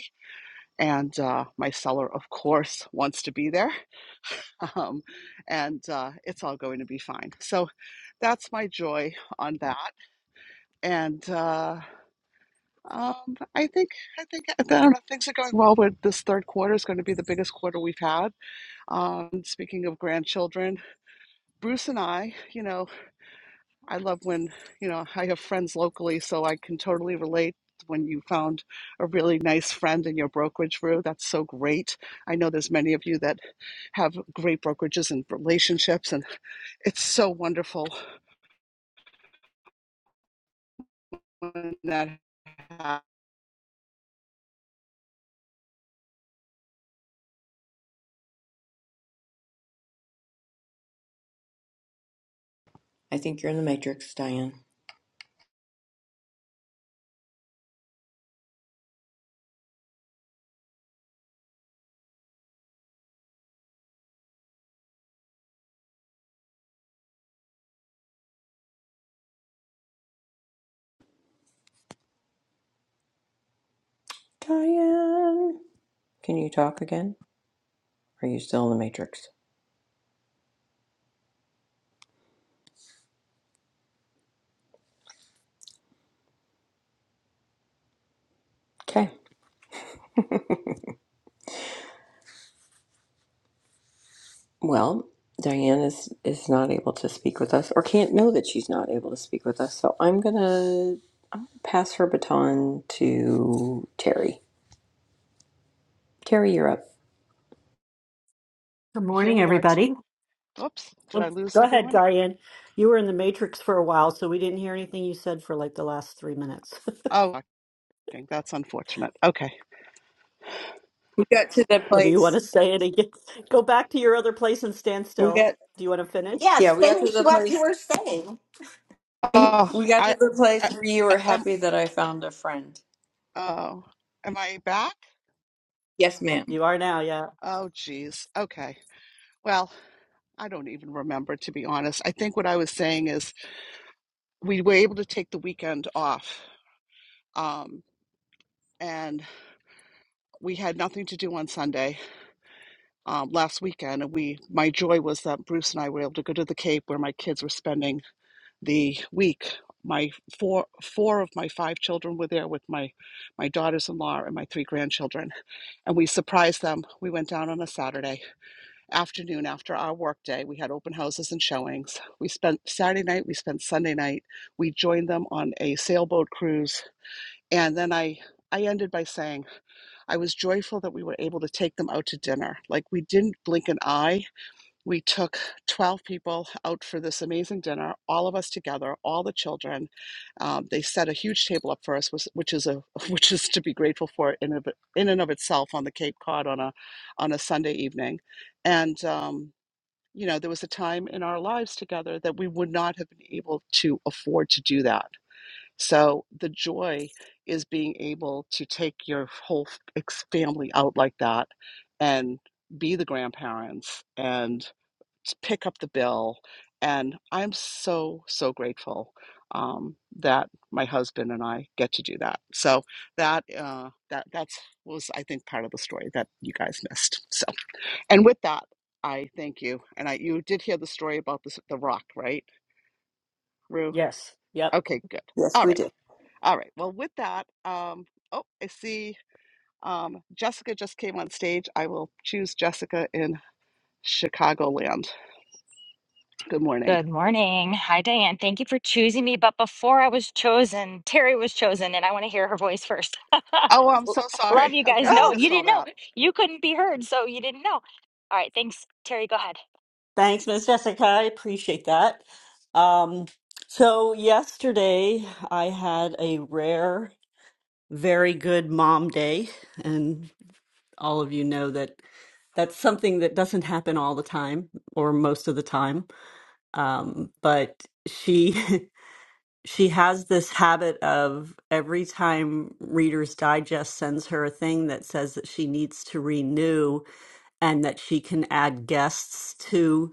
Speaker 3: and uh, my seller, of course, wants to be there, um, and uh, it's all going to be fine. So that's my joy on that. And uh, Um, I think I think I don't know, things are going well. But this third quarter is going to be the biggest quarter we've had. Um, speaking of grandchildren, Bruce and I, you know, I love when you know I have friends locally, so I can totally relate. When you found a really nice friend in your brokerage, Rue, that's so great. I know there's many of you that have great brokerages and relationships, and it's so wonderful when that happens.
Speaker 2: I think you're in the Matrix, Diane. Diane, can you talk again? Are you still in the Matrix? Okay. Well, Diane is is not able to speak with us, or can't know that she's not able to speak with us. So I'm gonna pass her baton to Terry. Terry, you're up.
Speaker 4: Good
Speaker 3: Here
Speaker 4: morning,
Speaker 3: we are. T-
Speaker 4: everybody.
Speaker 3: Oops, did I
Speaker 4: Oops.
Speaker 3: lose
Speaker 4: Go ahead,
Speaker 3: everyone?
Speaker 4: Diane. You were in the Matrix for a while, so we didn't hear anything you said for like the last three minutes.
Speaker 3: Oh, okay, that's unfortunate. Okay.
Speaker 2: We got to the
Speaker 4: Well, do you want to
Speaker 2: place.
Speaker 4: say it again? Go back to your other place and stand
Speaker 2: We
Speaker 4: still.
Speaker 2: got
Speaker 4: Do you want to finish?
Speaker 7: Yes,
Speaker 2: yeah. We got to
Speaker 7: finish
Speaker 2: the
Speaker 7: what you
Speaker 2: place.
Speaker 7: were saying.
Speaker 3: Oh,
Speaker 2: We got to
Speaker 3: I,
Speaker 2: the
Speaker 3: I,
Speaker 2: place where you were
Speaker 3: I- am,
Speaker 2: happy that I found a friend.
Speaker 3: oh, am I back?
Speaker 2: Yes, ma'am.
Speaker 4: You are now, yeah.
Speaker 3: Oh, geez. Okay. Well, I don't even remember, to be honest. I think what I was saying is we were able to take the weekend off. Um, and we had nothing to do on Sunday um, last weekend. And we, my joy was that Bruce and I were able to go to the Cape where my kids were spending the week. My four, four of my five children were there with my, my daughters-in-law and my three grandchildren and we surprised them. We went down on a Saturday afternoon after our work day. We had open houses and showings. We spent Saturday night, we spent Sunday night. We joined them on a sailboat cruise. And then I I ended by saying I was joyful that we were able to take them out to dinner. Like we didn't blink an eye we took 12 people out for this amazing dinner, all of us together, all the children. Um, they set a huge table up for us, which, is a which is to be grateful for in of, in and of itself on the Cape Cod on a on a Sunday evening, and um, you know there was a time in our lives together that we would not have been able to afford to do that. So the joy is being able to take your whole family out like that, and be the grandparents and s- pick up the bill. And I'm so, so grateful um, that my husband and I get to do that. So that uh, that that's was I think part of the story that you guys missed. So and with that, I thank you. And I you did hear the story about this, the rock, right, Rue?
Speaker 4: Yes. Yep.
Speaker 3: Okay, good.
Speaker 2: Yes,
Speaker 3: All
Speaker 2: we
Speaker 3: right,
Speaker 2: did.
Speaker 3: all right. Well, with that, um, oh, I see um, Jessica just came on stage. I will choose Jessica in Chicagoland. Good morning.
Speaker 8: Good morning. Hi, Diane. Thank you for choosing me. But before I was chosen, Terry was chosen, and I want to hear her voice first.
Speaker 3: Oh, I'm
Speaker 8: L-
Speaker 3: so
Speaker 8: Love
Speaker 3: sorry.
Speaker 8: you
Speaker 3: Okay,
Speaker 8: guys.
Speaker 3: I
Speaker 8: No, you
Speaker 3: missed all
Speaker 8: didn't know.
Speaker 3: that.
Speaker 8: You couldn't be heard, so you didn't know. All right. Thanks, Terry. Go ahead.
Speaker 4: Thanks, Ms. Jessica. I appreciate that. Um, so yesterday I had a rare, very good mom day, and all of you know that that's something that doesn't happen all the time or most of the time. Um, but she she has this habit of every time Reader's Digest sends her a thing that says that she needs to renew and that she can add guests to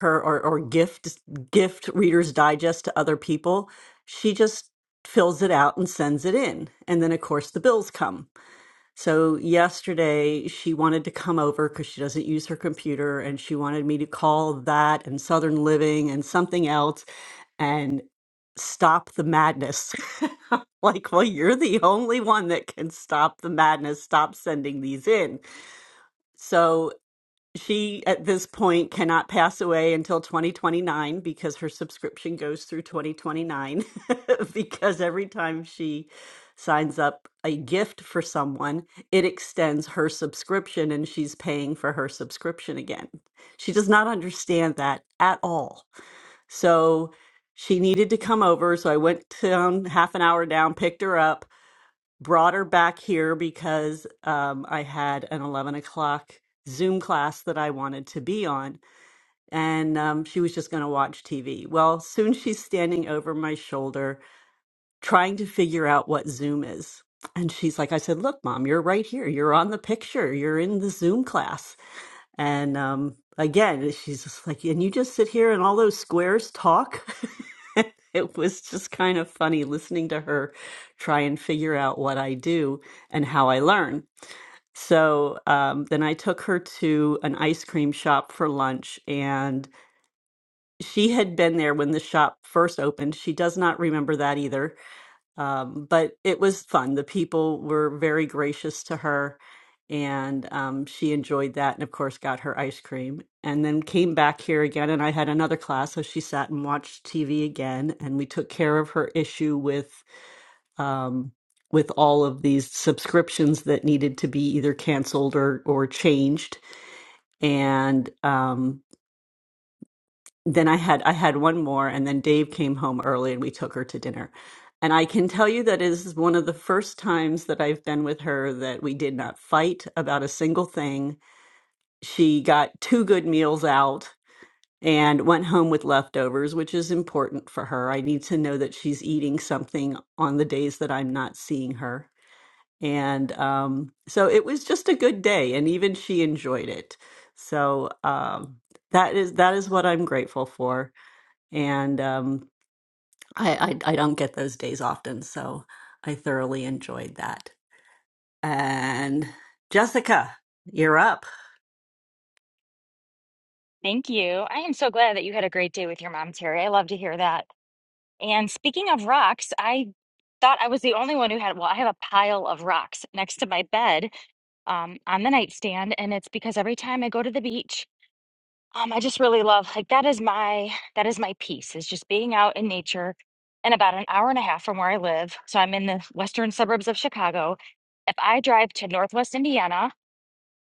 Speaker 4: her or, or gift gift Reader's Digest to other people. She just fills it out and sends it in. And then of course the bills come. So yesterday she wanted to come over because she doesn't use her computer and she wanted me to call that and Southern Living and something else and stop the madness. like, well, you're the only one that can stop the madness. Stop sending these in. So she at this point cannot pass away until 2029 because her subscription goes through 2029 because every time she signs up a gift for someone it extends her subscription and she's paying for her subscription again she does not understand that at all so she needed to come over so i went down half an hour down picked her up brought her back here because um, I had an 11 o'clock Zoom class that I wanted to be on, and um, she was just going to watch TV. Well, soon she's standing over my shoulder trying to figure out what Zoom is. And she's like, I said, Look, mom, you're right here. You're on the picture. You're in the Zoom class. And um, again, she's just like, and you just sit here and all those squares talk. it was just kind of funny listening to her try and figure out what I do and how I learn. So um, then I took her to an ice cream shop for lunch, and she had been there when the shop first opened. She does not remember that either um, but it was fun. The people were very gracious to her, and um, she enjoyed that. And of course, got her ice cream, and then came back here again. And I had another class, so she sat and watched TV again. And we took care of her issue with um, with all of these subscriptions that needed to be either canceled or or changed. And um, then I had I had one more, and then Dave came home early, and we took her to dinner. And I can tell you that is one of the first times that I've been with her that we did not fight about a single thing. She got two good meals out and went home with leftovers, which is important for her. I need to know that she's eating something on the days that I'm not seeing her. And um, so it was just a good day, and even she enjoyed it. So um, that is that is what I'm grateful for and um, I, I I don't get those days often, so I thoroughly enjoyed that. And Jessica, you're up.
Speaker 8: Thank you. I am so glad that you had a great day with your mom, Terry. I love to hear that. And speaking of rocks, I thought I was the only one who had, well, I have a pile of rocks next to my bed um, on the nightstand, and it's because every time I go to the beach, Um, I just really love like that is my that is my peace is just being out in nature and about an hour and a half from where I live. So I'm in the western suburbs of Chicago. If I drive to Northwest Indiana,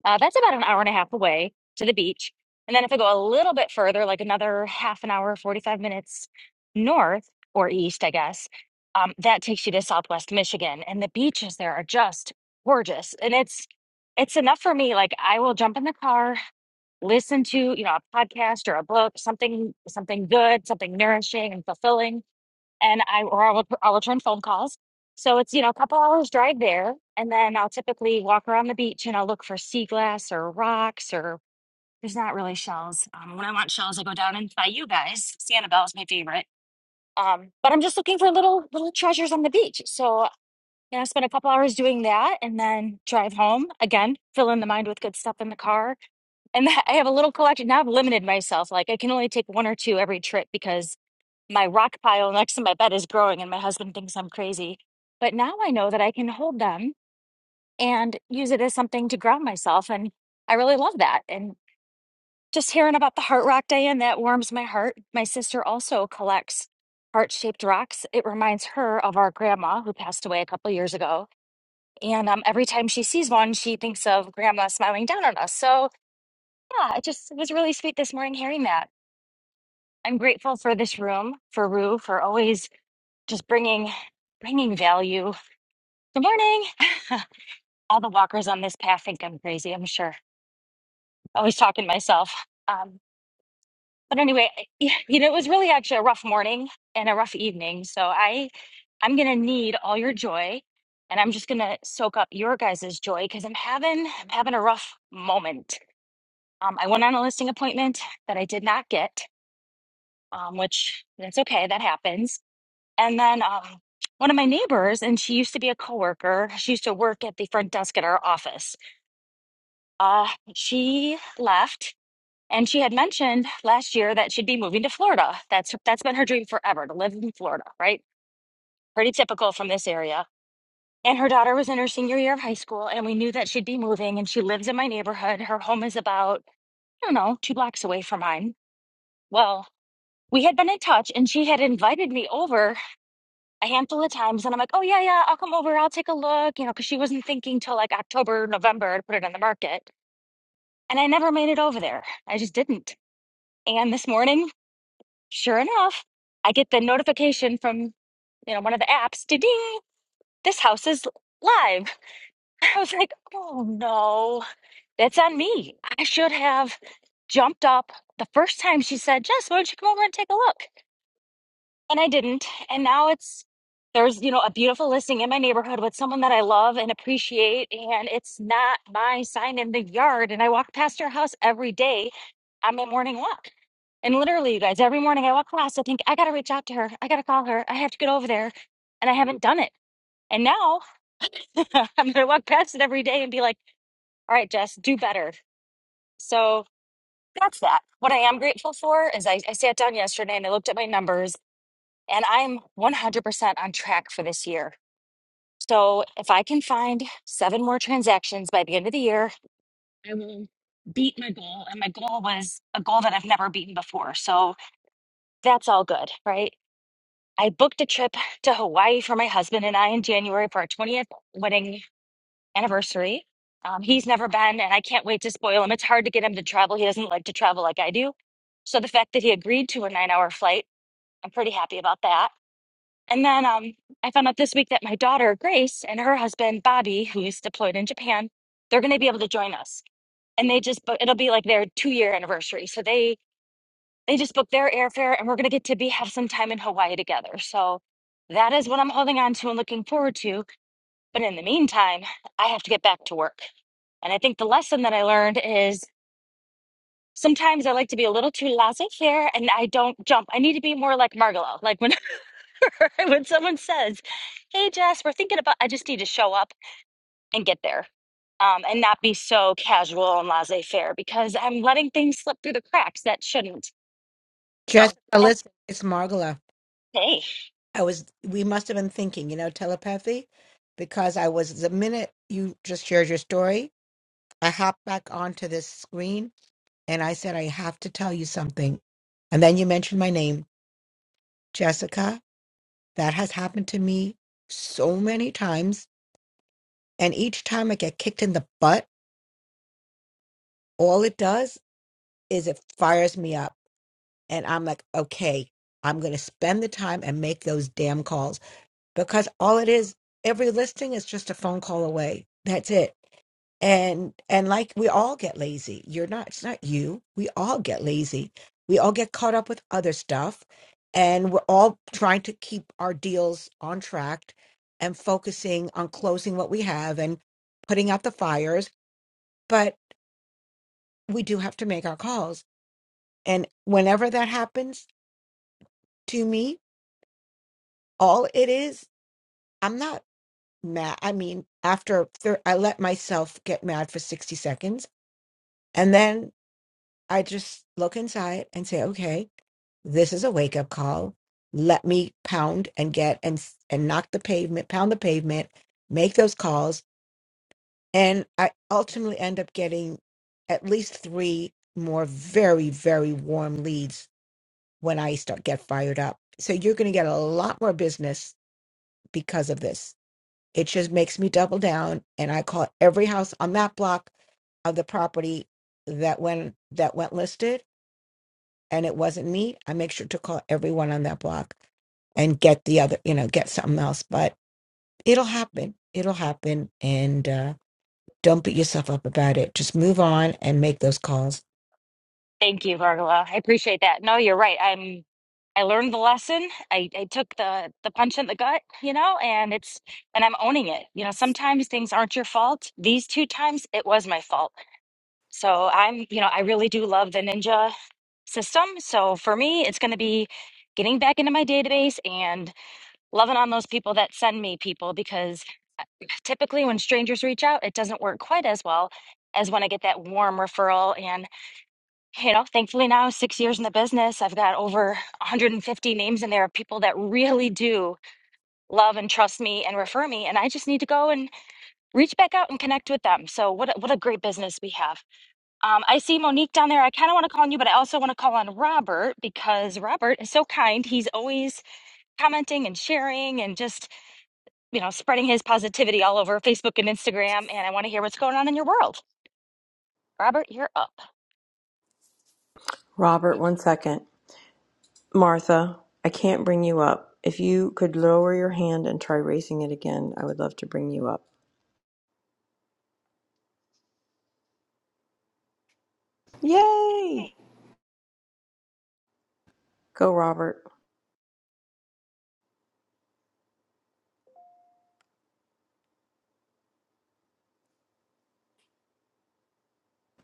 Speaker 8: uh, that's about an hour and a half away to the beach. And then if I go a little bit further, like another half an hour, 45 minutes north or east, I guess, um, that takes you to Southwest Michigan. And the beaches there are just gorgeous. And it's it's enough for me. Like I will jump in the car listen to you know a podcast or a book something something good something nourishing and fulfilling and i or i will i'll return phone calls so it's you know a couple hours drive there and then i'll typically walk around the beach and i'll look for sea glass or rocks or there's not really shells um, when i want shells i go down and by you guys sanibel is my favorite um, but i'm just looking for little little treasures on the beach so you know spend a couple hours doing that and then drive home again fill in the mind with good stuff in the car and that- I have a little collection. Now I've limited myself. Like I can only take one or two every trip because my rock pile next to my bed is growing and my husband thinks I'm crazy. But now I know that I can hold them and use it as something to ground myself. And I really love that. And just hearing about the Heart Rock Diane, that warms my heart. My sister also collects heart-shaped rocks. It reminds her of our grandma who passed away a couple years ago. And um, every time she sees one, she thinks of grandma smiling down on us. So yeah, it just it was really sweet this morning hearing that. I'm grateful for this room, for Rue, for always just bringing bringing value. Good morning. All the walkers on this path think I'm crazy. I'm sure. Always talking to myself. Um, but anyway, I- yeah, you know, it was really actually a rough morning and a rough evening. So I, I'm gonna need all your joy, and I'm just gonna soak up your guys' joy because I'm having I'm having a rough moment. Um, I went on a listing appointment that I did not get, um, which that's okay. That happens And then um, one of my neighbors, and she used to be a coworker. She used to work at the front desk at our office. Uh, she left, and she had mentioned last year that she'd be moving to Florida. That's that's been her dream forever to live in Florida, right? Pretty typical from this area. And her daughter was in her senior year of high school, and we knew that she'd be moving. And she lives in my neighborhood. Her home is about I don't know two blocks away from mine. Well, we had been in touch, and she had invited me over a handful of times and I'm like, oh, yeah, yeah, I'll come over. I'll take a look, you know, because she wasn't thinking till like October, November to put it on the market. And I never made it over there. I just didn't. And this morning, sure enough, I get the notification from, you know, one of the apps, ding, ding, this house is live. I was like, oh no, that's on me. I should have jumped up the first time she said, Jess, why don't you come over and take a look? and I didn't. And now it's there's you know a beautiful listing in my neighborhood with someone that I love and appreciate, and it's not my sign in the yard. And I walk past her house every day on my morning walk. And literally, you guys, every morning I walk past, I think I got to reach out to her. I got to call her. I have to get over there, and I haven't done it. And now I'm gonna walk past it every day and be like, "All right, Jess, do better." So that's that. What I am grateful for is I, I sat down yesterday and I looked at my numbers, and I'm 100% on track for this year. So if I can find seven more transactions by the end of the year, I will beat my goal. And my goal was a goal that I've never beaten before. So that's all good, right? I booked a trip to Hawaii for my husband and I in January for our 20th wedding anniversary. Um, he's never been, and I can't wait to spoil him. It's hard to get him to travel. He doesn't like to travel like I do. So the fact that he agreed to a nine hour flight, I'm pretty happy about that. And then um, I found out this week that my daughter, Grace, and her husband, Bobby, who's deployed in Japan, they're going to be able to join us. And they just, book, it'll be like their two year anniversary. So they, they just booked their airfare and we're going to get to be, have some time in Hawaii together. So that is what I'm holding on to and looking forward to. But in the meantime, I have to get back to work. And I think the lesson that I learned is sometimes I like to be a little too laissez faire and I don't jump. I need to be more like Margalo. Like when when someone says, "Hey, Jess, we're thinking about," I just need to show up and get there, um, and not be so casual and laissez-faire because I'm letting things slip through the cracks that shouldn't. So,
Speaker 5: Jessica,
Speaker 8: oh,
Speaker 5: listen, it's Margola.
Speaker 8: hey,
Speaker 5: I was, we must have been thinking, you know, telepathy, because I was, the minute you just shared your story, I hopped back onto this screen and I said, I have to tell you something. And then you mentioned my name, Jessica. That has happened to me so many times. And each time I get kicked in the butt, all it does is it fires me up. And I'm like, okay, I'm going to spend the time and make those damn calls because all it is, every listing is just a phone call away. That's it and and like we all get lazy you're not it's not you we all get lazy we all get caught up with other stuff and we're all trying to keep our deals on track and focusing on closing what we have and putting out the fires but we do have to make our calls and whenever that happens to me all it is i'm not mad i mean after thir- i let myself get mad for 60 seconds and then i just look inside and say okay this is a wake up call. Let me pound and get and and knock the pavement, pound the pavement, make those calls, and I ultimately end up getting at least three more very very warm leads when I start get fired up. So you're going to get a lot more business because of this. It just makes me double down, and I call every house on that block of the property that went that went listed and it wasn't me, I make sure to call everyone on that block and get the other, you know, get something else. But it'll happen. It'll happen. And uh, don't beat yourself up about it. Just move on and make those calls
Speaker 8: thank you, Margola. I appreciate that. No, you're right. I'm. I learned the lesson. I, I took the the punch in the gut, you know, and it's and I'm owning it. You know, sometimes things aren't your fault. These two times, it was my fault. So I'm, you know, I really do love the ninja system. So for me, it's going to be getting back into my database and loving on those people that send me people because uh, typically when strangers reach out, it doesn't work quite as well as when I get that warm referral. And, you know, thankfully now, six years in the business, I've got over 150 names in there of people that really do love and trust me and refer me. And I just need to go and reach back out and connect with them. So what a, what a great business we have. Um, I see Monique down there. I kind of want to call on you, but I also want to call on Robert because Robert is so kind. He's always commenting and sharing and just, you know, spreading his positivity all over Facebook and Instagram. And I want to hear what's going on in your world. Robert, you're up.
Speaker 2: Robert, one second. Martha, I can't bring you up. If you could lower your hand and try raising it again, I would love to bring you up. Yay! Go, Robert.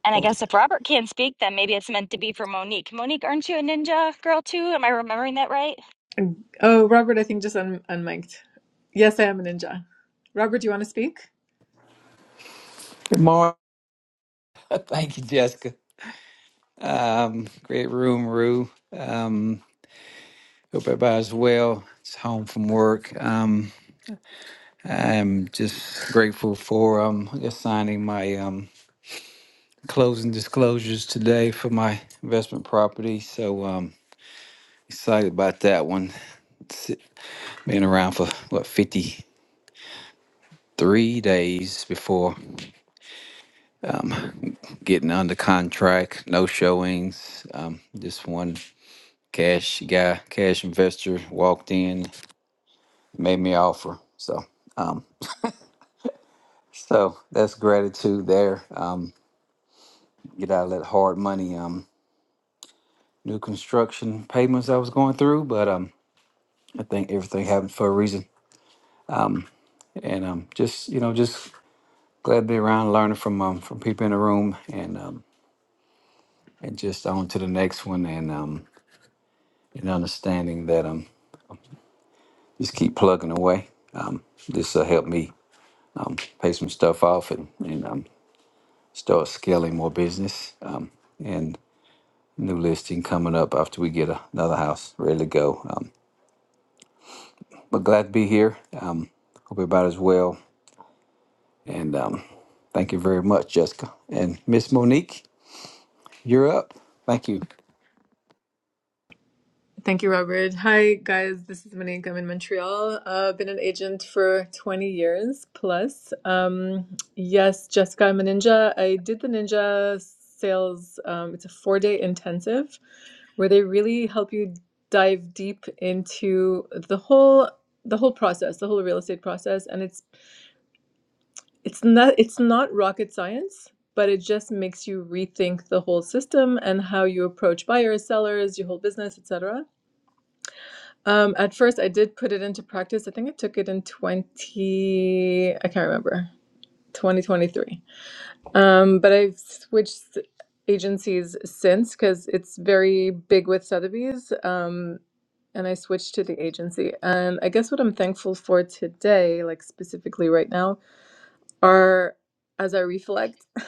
Speaker 8: And I
Speaker 2: Oh,
Speaker 8: guess if Robert can't speak, then maybe it's meant to be for Monique. Monique, aren't you a ninja girl too? Am I remembering that right?
Speaker 9: Oh, Robert, I think just un unmiked. Yes, I am a ninja. Robert, do you want to speak?
Speaker 10: Good morning. Thank you, Jessica. Um, great room, Rue. Um, hope everybody's well. It's home from work. Um, I'm just grateful for um, I guess signing my um, closing disclosures today for my investment property. So um, excited about that one. It's been around for what 53 days before getting under contract. No showings. Um, just one cash guy, cash investor walked in. made me offer. So, um, so that's gratitude there. Um, get out of that hard money, um, new construction payments I was going through, but um, I think everything happened for a reason, and um, just you know, just glad to be around, learning from um, from people in the room, and um, and just on to the next one, and um, and understanding that um, just keep plugging away. Um, this will help me um, pay some stuff off and and um, start scaling more business. Um, and new listing coming up after we get a, another house ready to go. Um, but glad to be here. Um, hope everybody's well. And um, thank you very much, Jessica. And Miss Monique, you're up. Thank you.
Speaker 9: Thank you, Robert. Hi, guys. This is Monique. I'm in Montreal. Uh, I've been an agent for 20 years plus. Um, yes, Jessica, I'm a ninja. I did the ninja sales. Um, it's a four-day intensive where they really help you dive deep into the whole the whole process, the whole real estate process, and it's it's not it's not rocket science but it just makes you rethink the whole system and how you approach buyers sellers your whole business etc um, at first i did put it into practice i think i took it in 20 i can't remember 2023 um, but i've switched agencies since because it's very big with sotheby's um, and i switched to the agency and i guess what i'm thankful for today like specifically right now are, as I reflect,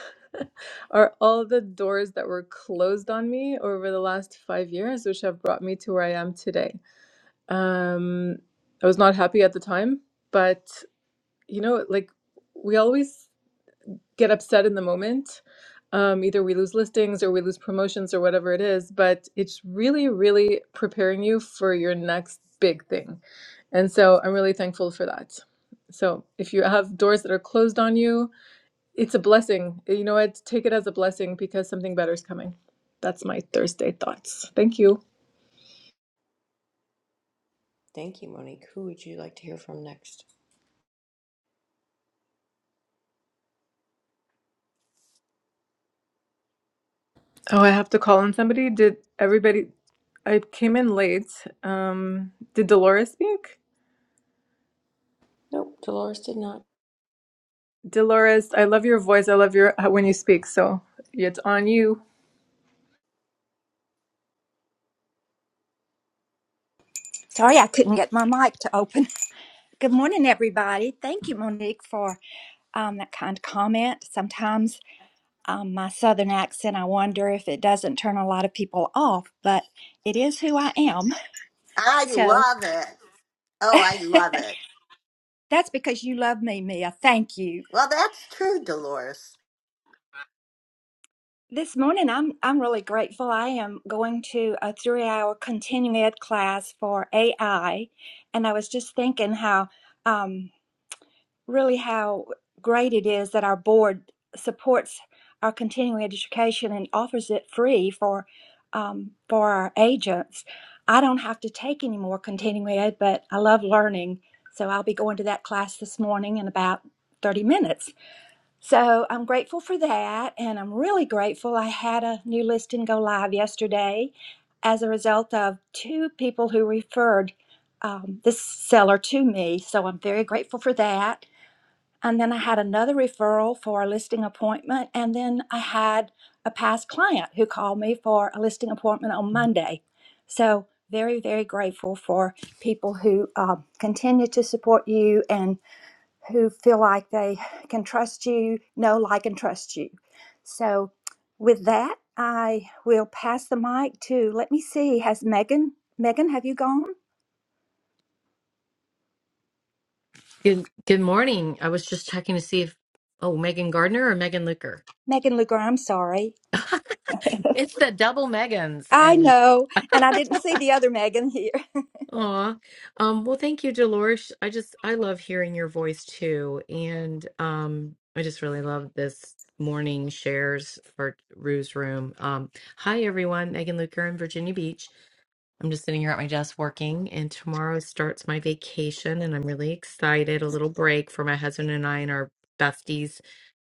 Speaker 9: are all the doors that were closed on me over the last five years, which have brought me to where I am today. Um, I was not happy at the time, but you know, like we always get upset in the moment. Um, either we lose listings or we lose promotions or whatever it is, but it's really, really preparing you for your next big thing. And so I'm really thankful for that. So if you have doors that are closed on you, it's a blessing. You know what? Take it as a blessing because something better is coming. That's my Thursday thoughts. Thank you.
Speaker 2: thank you, Monique. Who would you like to hear from next?
Speaker 9: Oh, I have to call on somebody. Did everybody? I came in late. Um, did Dolores speak?
Speaker 2: Nope, Dolores did not.
Speaker 9: Dolores, I love your voice. I love your uh, when you speak. So it's on you.
Speaker 11: Sorry, I couldn't get my mic to open. Good morning, everybody. Thank you, Monique, for um, that kind comment. Sometimes um, my southern accent, I wonder if it doesn't turn a lot of people off, but it is who I am.
Speaker 7: I
Speaker 11: So
Speaker 7: love it. Oh, I love it.
Speaker 11: that's because you love me, Mia. Thank you.
Speaker 7: Well, that's true, Dolores.
Speaker 11: This morning, I'm I'm really grateful. I am going to a three-hour continuing ed class for AI, and I was just thinking how. um, really how great it is that our board supports our continuing education and offers it free for um, for our agents. I don't have to take any more continuing ed, but I love learning, so I'll be going to that class this morning in about 30 minutes. So I'm grateful for that, and I'm really grateful I had a new listing go live yesterday as a result of two people who referred um, this seller to me. So I'm very grateful for that and then I had another referral for a listing appointment. And then I had a past client who called me for a listing appointment on Monday. So, very, very grateful for people who um, continue to support you and who feel like they can trust you, know, like, and trust you. So, with that, I will pass the mic to, let me see, has Megan, Megan, have you gone?
Speaker 12: Good good morning. I was just checking to see if oh Megan Gardner or Megan Luker.
Speaker 11: Megan Luger, I'm sorry.
Speaker 12: it's the double Megans
Speaker 11: I
Speaker 12: and
Speaker 11: know. And I didn't see the other Megan here.
Speaker 12: aw. Um well thank you, Dolores. I just I love hearing your voice too. And um I just really love this morning shares for Rue's room. Um hi everyone, Megan Luker in Virginia Beach. I'm just sitting here at my desk working and tomorrow starts my vacation and I'm really excited. A little break for my husband and I and our besties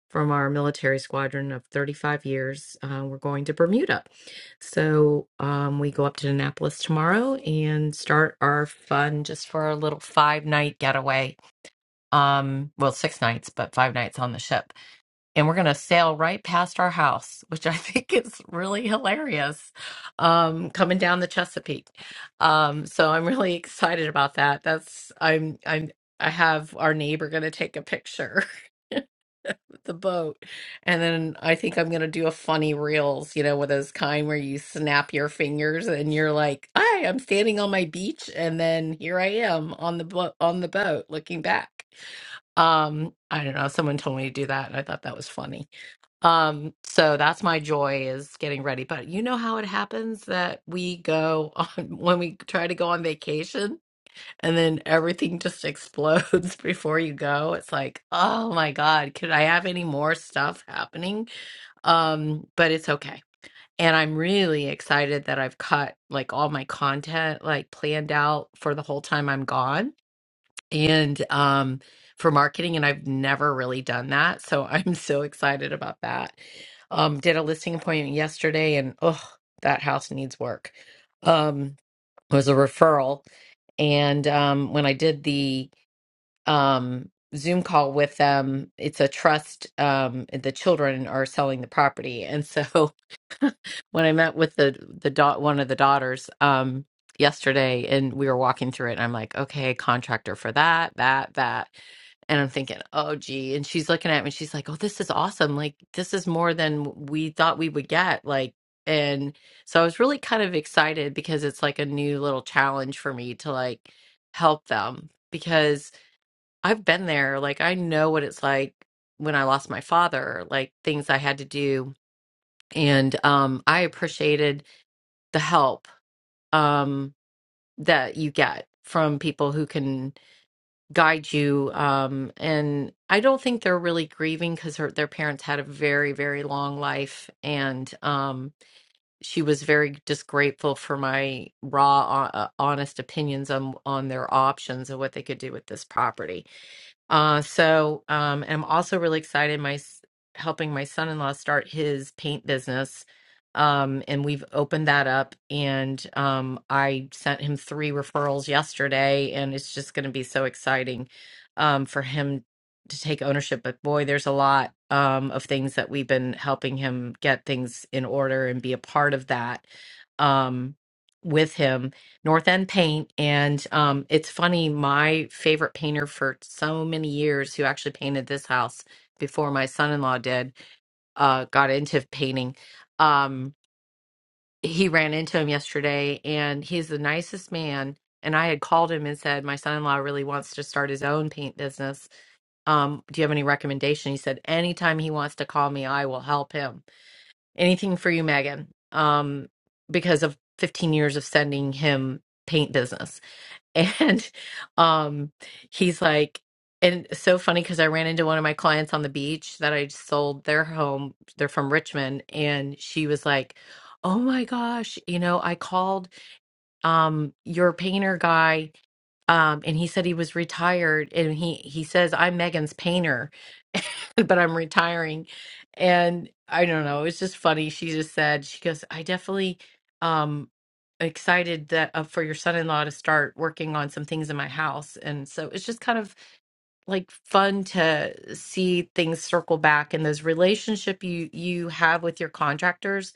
Speaker 12: from our military squadron of 35 years. Uh, we're going to Bermuda. So um, we go up to Annapolis tomorrow and start our fun just for a little five night getaway. Um, well, six nights, but five nights on the ship. And we're going to sail right past our house, which I think is really hilarious um, coming down the Chesapeake. Um, so I'm really excited about that. That's, I'm, I'm, I have our neighbor going to take a picture. the boat. And then I think I'm gonna do a funny reels, you know, with those kind where you snap your fingers and you're like, "Hi, I'm standing on my beach," and then here I am on the boat on the boat looking back. Um, I don't know. Someone told me to do that, and I thought that was funny. Um, so that's my joy is getting ready. But you know how it happens that we go on when we try to go on vacation and then everything just explodes before you go it's like oh my god could i have any more stuff happening um but it's okay and i'm really excited that i've cut like all my content like planned out for the whole time i'm gone and um for marketing and i've never really done that so i'm so excited about that um did a listing appointment yesterday and oh that house needs work Um was a referral. And um, when I did the um, Zoom call with them, it's a trust. Um, the children are selling the property, and so when I met with the the dot one of the daughters um yesterday and we were walking through it and I'm like, okay, contractor for that, that, that. And I'm thinking, oh gee. And she's looking at me, she's like, Oh, this is awesome. Like this is more than we thought we would get. Like and so I was really kind of excited because it's like a new little challenge for me to like help them because I've been there. Like I know what it's like when I lost my father, like things I had to do. And um I appreciated the help um, that you get from people who can guide you. Um, and I don't think they're really grieving because her, their parents had a very, very long life. And um, she was very just grateful for my raw, uh, honest opinions on, on their options and what they could do with this property uh, so um, and I'm also really excited. My s- helping my son-in-law start his paint business, um, and we've opened that up. And um, I sent him three referrals yesterday, and it's just going to be so exciting um, for him to take ownership. But boy, there's a lot um, of things that we've been helping him get things in order and be a part of that um, with him North End Paint. And um, it's funny, my favorite painter for so many years, who actually painted this house before my son in law did, uh, got into painting. Um, he ran into him yesterday, and he's the nicest man. And I had called him and said, My son in law really wants to start his own paint business. Um, do you have any recommendation? He said, Anytime he wants to call me, I will help him. Anything for you, Megan. Um, because of 15 years of sending him paint business and um he's like and it's so funny because i ran into one of my clients on the beach that i sold their home they're from richmond and she was like oh my gosh you know i called um your painter guy um and he said he was retired and he he says i'm megan's painter but I'm retiring. And I don't know, It's just funny. She just said, she goes, I definitely um excited that uh, for your son-in-law to start working on some things in my house. And so it's just kind of like fun to see things circle back and those relationship you you have with your contractors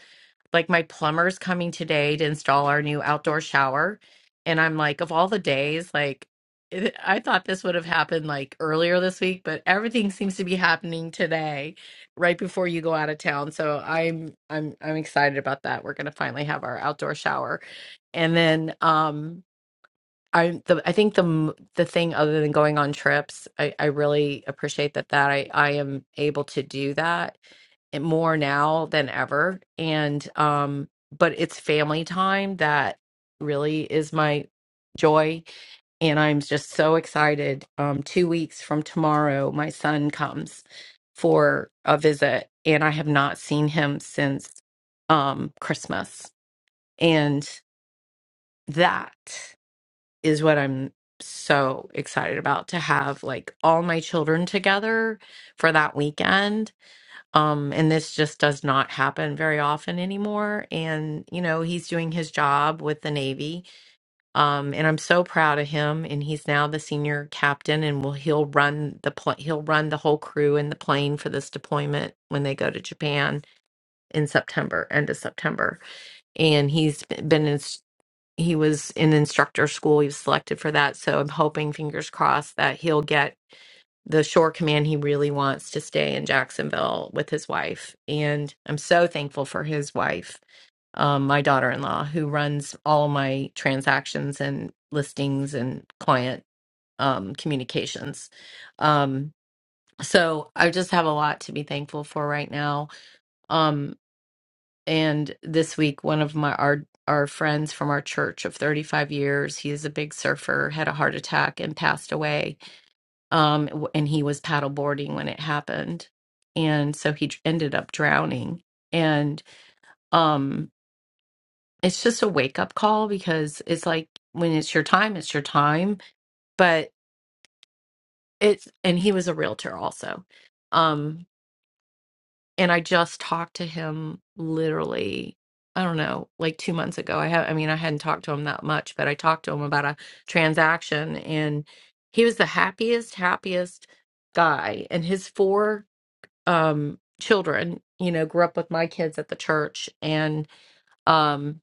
Speaker 12: like my plumber's coming today to install our new outdoor shower. And I'm like, of all the days, like it- I thought this would have happened like earlier this week, but everything seems to be happening today, right before you go out of town. So I'm I'm I'm excited about that. We're gonna finally have our outdoor shower. And then um I the I think the m- the thing other than going on trips, I I really appreciate that that I I am able to do that and more now than ever and um but it's family time that really is my joy and I'm just so excited. Um 2 weeks from tomorrow my son comes for a visit and I have not seen him since um Christmas and that is what I'm so excited about to have like all my children together for that weekend. Um, and this just does not happen very often anymore. And, you know, he's doing his job with the Navy. Um, and I'm so proud of him. And he's now the senior captain and will he'll run the pl- he'll run the whole crew and the plane for this deployment when they go to Japan in September, end of September and he's been in he was in instructor school. He was selected for that. So I'm hoping, fingers crossed, that he'll get the shore command he really wants to stay in Jacksonville with his wife. And I'm so thankful for his wife, um, my daughter in law, who runs all my transactions and listings and client um, communications. Um, so I just have a lot to be thankful for right now. Um, and this week one of my our our friends from our church of 35 years he is a big surfer had a heart attack and passed away um w- and he was paddleboarding when it happened and so he dr- ended up drowning and um it's just a wake up call because it's like when it's your time it's your time but it's and he was a realtor also Um. and I just talked to him literally I don't know like 2 months ago. I have I mean I hadn't talked to him that much, but I talked to him about a transaction and he was the happiest happiest guy and his four um children, you know, grew up with my kids at the church and um,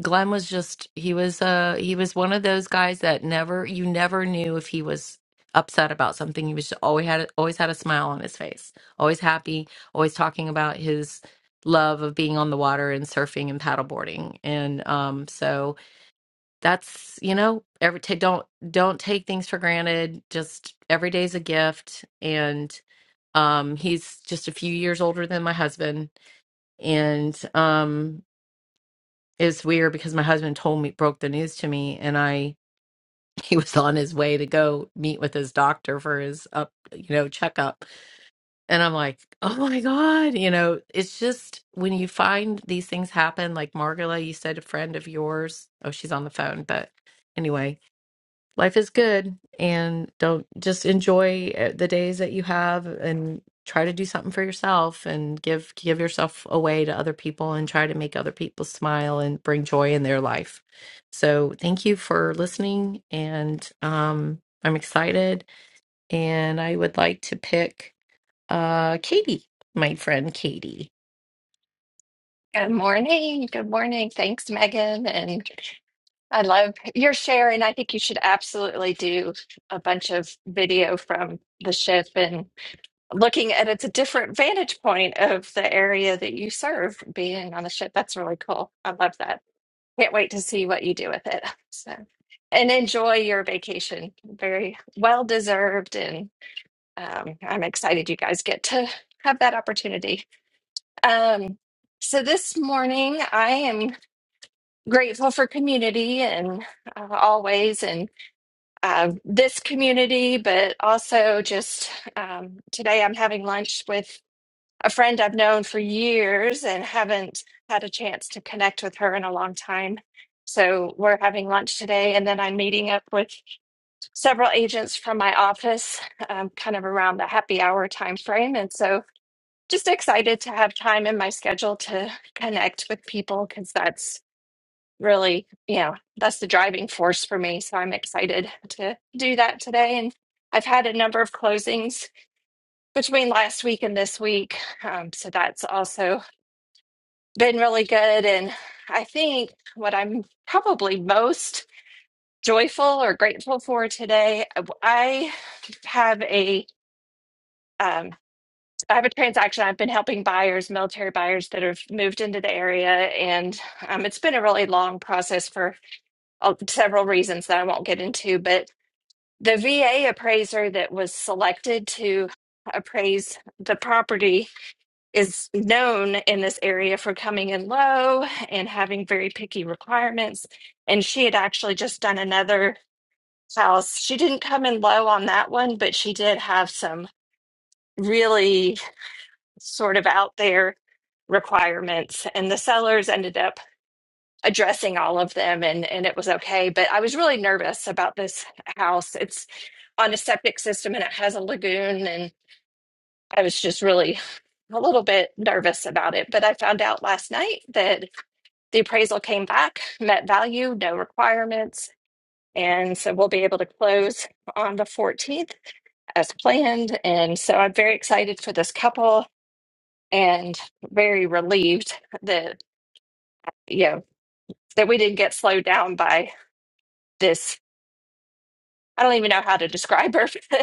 Speaker 12: Glenn was just he was uh he was one of those guys that never you never knew if he was upset about something. He was just always had always had a smile on his face, always happy, always talking about his love of being on the water and surfing and paddleboarding. And um so that's you know every ta don't don't take things for granted. Just every day's a gift and um he's just a few years older than my husband and um it's weird because my husband told me, broke the news to me, and I, he was on his way to go meet with his doctor for his up, you know, checkup. And I'm like, oh my God, you know, it's just when you find these things happen, like Margola, you said a friend of yours, oh, she's on the phone, but anyway, life is good and don't just enjoy uh, the days that you have and try to do something for yourself and give give yourself away to other people and try to make other people smile and bring joy in their life so thank you for listening and um i'm excited and i would like to pick uh katie my friend katie
Speaker 13: Good morning. Good morning. Thanks, Megan. And I love your share. And I think you should absolutely do a bunch of video from the ship and looking at it's a different vantage point of the area that you serve being on the ship. That's really cool. I love that. Can't wait to see what you do with it. So, and enjoy your vacation. Very well deserved. And um, I'm excited you guys get to have that opportunity. Um, so this morning I am grateful for community and uh, always and uh, this community but also just um, today i'm having lunch with a friend i've known for years and haven't had a chance to connect with her in a long time so we're having lunch today and then i'm meeting up with several agents from my office um, kind of around the happy hour time frame and so just excited to have time in my schedule to connect with people because that's really, you know, that's the driving force for me. So I'm excited to do that today. And I've had a number of closings between last week and this week. Um, so that's also been really good. And I think what I'm probably most joyful or grateful for today, uh, I have a um, I have a transaction. I've been helping buyers, military buyers that have moved into the area, and um, it's been a really long process for uh, several reasons that I won't get into, but the VA appraiser that was selected to appraise the property is known in this area for coming in low and having very picky requirements. And she had actually just done another house. She didn't come in low on that one, but she did have some really sort of out there requirements. And the sellers ended up addressing all of them and and it was okay but i was really nervous about this house it's on a septic system and it has a lagoon and i was just really a little bit nervous about it but i found out last night that the appraisal came back met value no requirements and so we'll be able to close on the 14th as planned and so i'm very excited for this couple and very relieved that you know that we didn't get slowed down by this I don't even know how to describe her.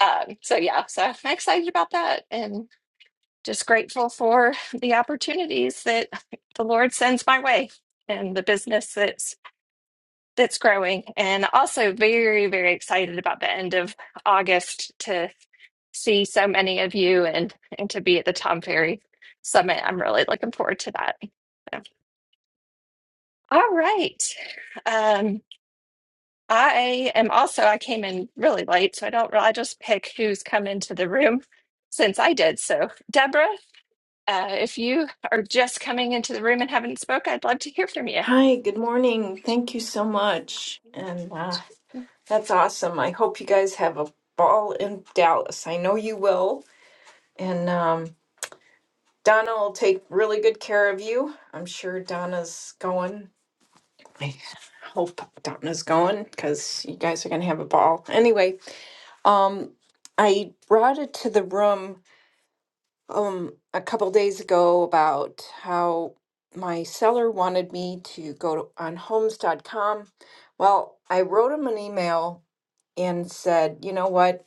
Speaker 13: um, so yeah, so I'm excited about that and just grateful for the opportunities that the Lord sends my way and the business that's that's growing. And also very, very excited about the end of August to see so many of you and and to be at the Tom Ferry Summit. I'm really looking forward to that. So, All right. Um, I am also, I came in really late, so I don't, I just pick who's come into the room since I did. So, Deborah, uh, if you are just coming into the room and haven't spoke, I'd love to hear from you.
Speaker 14: Hi, good morning. Thank you so much. And uh, that's awesome. I hope you guys have a ball in Dallas. I know you will. And um, Donna will take really good care of you. I'm sure Donna's going. I hope Donna's going because you guys are going to have a ball. Anyway, um, I brought it to the room um a couple days ago about how my seller wanted me to go to, on homes dot com. Well, I wrote him an email and said, you know what?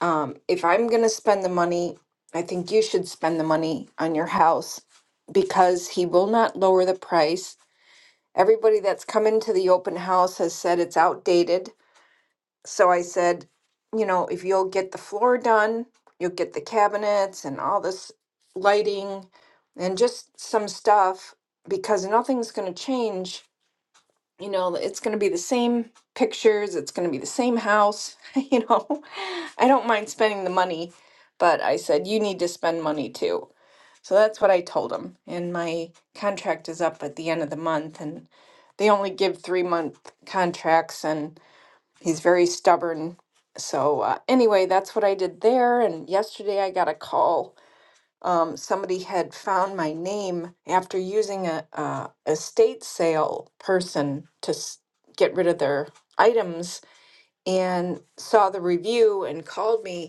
Speaker 14: Um, if I'm going to spend the money, I think you should spend the money on your house because he will not lower the price. Everybody that's come into the open house has said it's outdated so I said, you know, if you'll get the floor done, you'll get the cabinets and all this lighting and just some stuff because nothing's going to change. You know, it's going to be the same pictures, it's going to be the same house. You know, I don't mind spending the money, but I said, you need to spend money too. So that's what I told him. And my contract is up at the end of the month, and they only give three month contracts. And he's very stubborn. So uh, anyway, that's what I did there. And yesterday I got a call. Um, somebody had found my name after using a, a estate sale person to s- get rid of their items, and saw the review and called me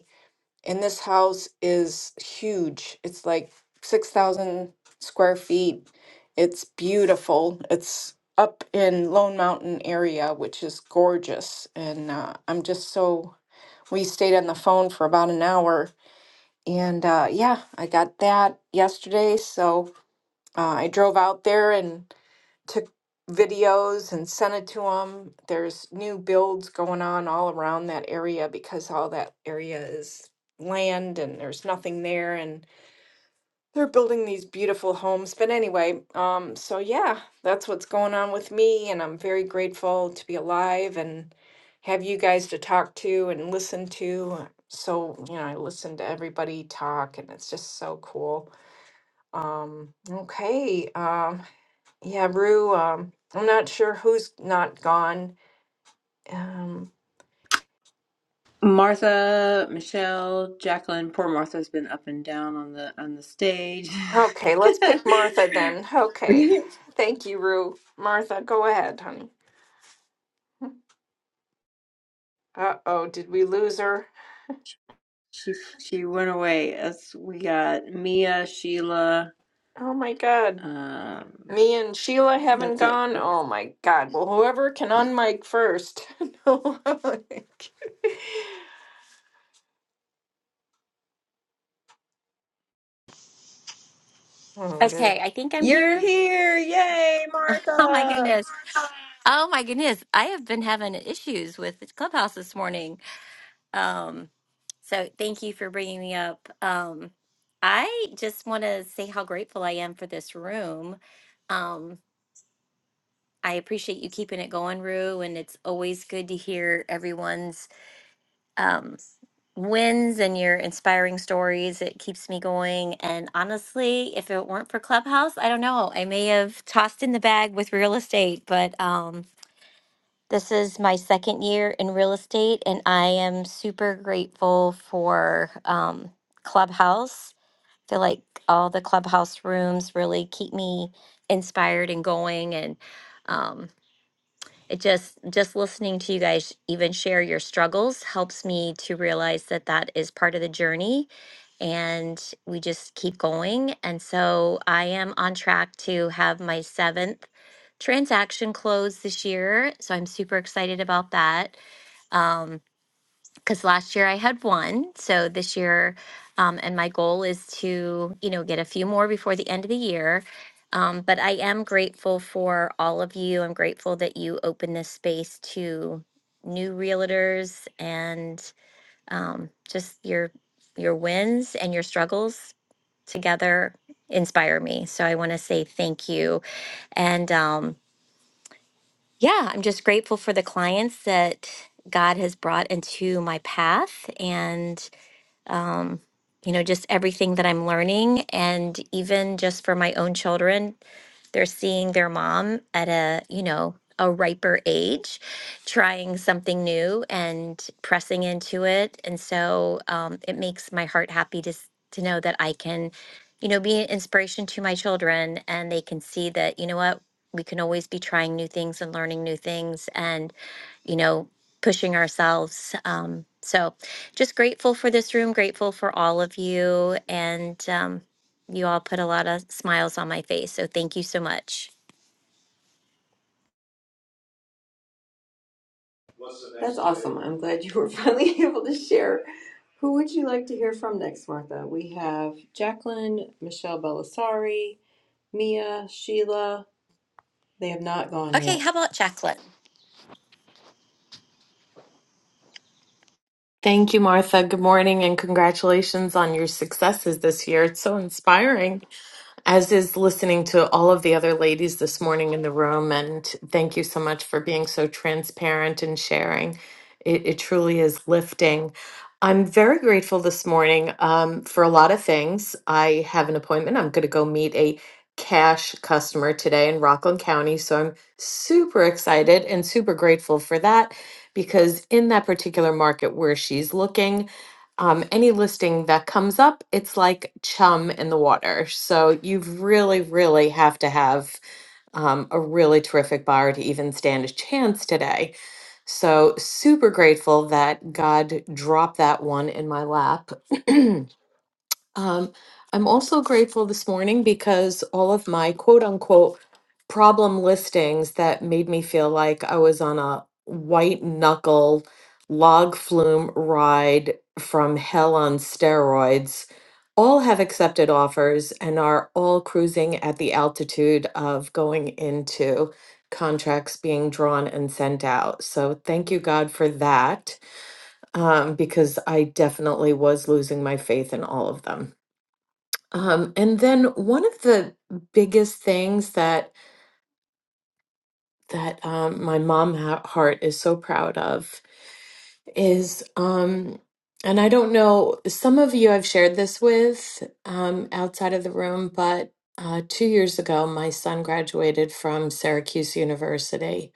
Speaker 14: and this house is huge. It's like 6,000 square feet. It's beautiful. It's up in Lone Mountain area, which is gorgeous. And uh, I'm just so, we stayed on the phone for about an hour. And uh, yeah, I got that yesterday. So uh, I drove out there and took videos and sent it to them. There's new builds going on all around that area because all that area is land and there's nothing there and they're building these beautiful homes. But anyway, um so yeah, that's what's going on with me and I'm very grateful to be alive and have you guys to talk to and listen to. So, you know, I listen to everybody talk and it's just so cool. Um okay, um. Yeah, Rue, um, I'm not sure who's not gone. Um,
Speaker 2: Martha, Michelle, Jacqueline. Poor Martha's been up and down on the on the stage.
Speaker 14: okay, let's pick Martha then. Okay. Thank you, Rue. Martha, go ahead, honey. Uh-oh, did we lose her?
Speaker 2: she she went away. As we got Mia, Sheila.
Speaker 14: Oh my God.
Speaker 2: Um,
Speaker 14: Me and Sheila haven't
Speaker 2: that's it.
Speaker 14: gone? Oh my God. Well, whoever can unmic first. no. oh, there.
Speaker 15: Okay, I think I'm
Speaker 2: You're
Speaker 15: here.
Speaker 2: here! Yay,
Speaker 15: Oh my
Speaker 2: Martha!
Speaker 15: goodness. Oh my goodness. I have been having issues with the clubhouse this morning. Um, so thank you for bringing me up. Um, I just want to say how grateful I am for this room. Um, I appreciate you keeping it going, Rue, and it's always good to hear everyone's um, wins and your inspiring stories. It keeps me going. And honestly, if it weren't for Clubhouse, I don't know. I may have tossed in the bag with real estate, but um, This is my second year in real estate, and I am super grateful for um, Clubhouse. I feel like all the Clubhouse rooms really keep me inspired and going. And um, it just just listening to you guys even share your struggles helps me to realize that that is part of the journey and we just keep going and so i am on track to have my seventh transaction close this year so i'm super excited about that Um, because last year I had one. So this year, um, and my goal is to, you know, get a few more before the end of the year. Um, but I am grateful for all of you. I'm grateful that you open this space to new realtors and um, just your your wins and your struggles together inspire me. So I want to say thank you. And um, yeah, I'm just grateful for the clients that God has brought into my path and um, you know, just everything that I'm learning. And even just for my own children, they're seeing their mom at a, you know, a riper age, trying something new and pressing into it. And so um, it makes my heart happy to, s- to know that I can, you know, be an inspiration to my children and they can see that, you know what, we can always be trying new things and learning new things and, you know, pushing ourselves. Um, so, just grateful for this room, grateful for all of you. And um, you all put a lot of smiles on my face. So thank you so much.
Speaker 2: What's the next That's awesome. thing? I'm glad you were finally able to share. Who would you like to hear from next, Martha? We have Jacqueline, Michelle Belisari, Mia, Sheila. They have not gone
Speaker 15: Okay,
Speaker 2: yet.
Speaker 15: how about Jacqueline?
Speaker 16: Thank you, Martha. Good morning and congratulations on your successes this year. It's so inspiring, as is listening to all of the other ladies this morning in the room. And thank you so much for being so transparent and sharing. It, it truly is lifting. I'm very grateful this morning um, for a lot of things. I have an appointment. I'm going to go meet a cash customer today in Rockland County. So I'm super excited and super grateful for that because in that particular market where she's looking, um, any listing that comes up, it's like chum in the water. So you really, really have to have um, a really terrific buyer to even stand a chance today. So super grateful that God dropped that one in my lap. Um, I'm also grateful this morning because all of my quote unquote problem listings that made me feel like I was on a white knuckle log flume ride from hell on steroids all have accepted offers and are all cruising at the altitude of going into contracts being drawn and sent out. So thank you, God, for that, um, because I definitely was losing my faith in all of them. Um, and then one of the biggest things that that um, my mom ha- heart is so proud of is, um, and I don't know, some of you I've shared this with um, outside of the room, but uh, two years ago, my son graduated from Syracuse University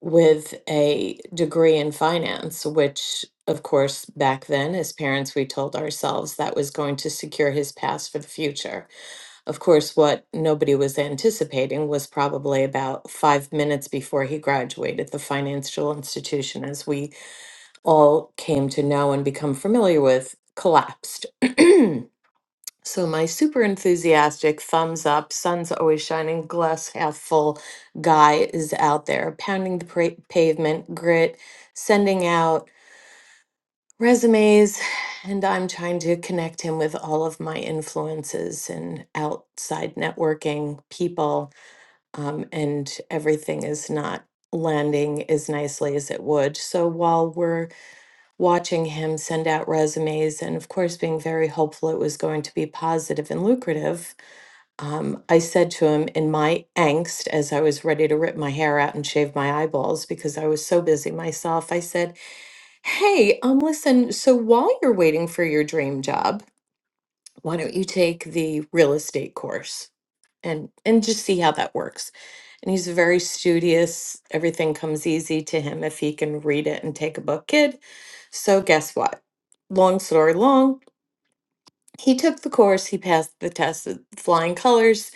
Speaker 16: with a degree in finance, which, of course, back then, as parents, we told ourselves that was going to secure his pass for the future. Of course, what nobody was anticipating was probably about five minutes before he graduated the financial institution, as we all came to know and become familiar with, collapsed. so, my super enthusiastic thumbs up, sun's always shining, glass half full guy is out there pounding the pra- pavement, grit, sending out resumes and I'm trying to connect him with all of my influences and outside networking people um, and everything is not landing as nicely as it would. So while we're watching him send out resumes and of course being very hopeful it was going to be positive and lucrative, um, I said to him in my angst as I was ready to rip my hair out and shave my eyeballs because I was so busy myself, I said, Hey, um, listen, so while you're waiting for your dream job, why don't you take the real estate course and and just see how that works? And he's very studious. Everything comes easy to him if he can read it and take a book. Kid, so guess what? Long story long, he took the course, he passed the test with flying colors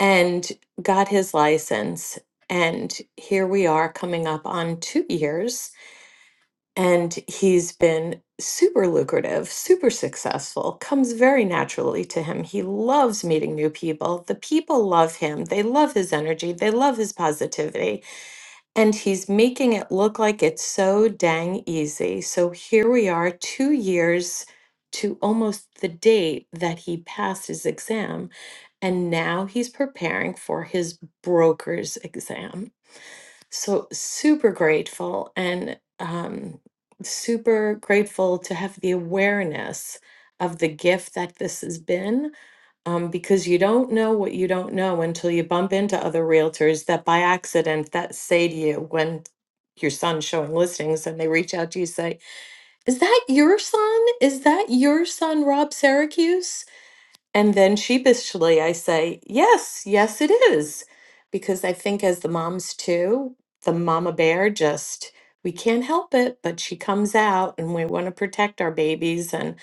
Speaker 16: and got his license. And here we are coming up on two years and he's been super lucrative, super successful, comes very naturally to him. He loves meeting new people. The people love him. They love his energy. They love his positivity. And he's making it look like it's so dang easy. So here we are, two years to almost the date that he passed his exam. And now he's preparing for his broker's exam. So super grateful and um, super grateful to have the awareness of the gift that this has been um, because you don't know what you don't know until you bump into other realtors that by accident that say to you when your son's showing listings and they reach out to you say is that your son is that your son rob syracuse and then sheepishly, I say, yes, yes, it is. Because I think, as the moms too, the mama bear just, we can't help it, but she comes out and we want to protect our babies. And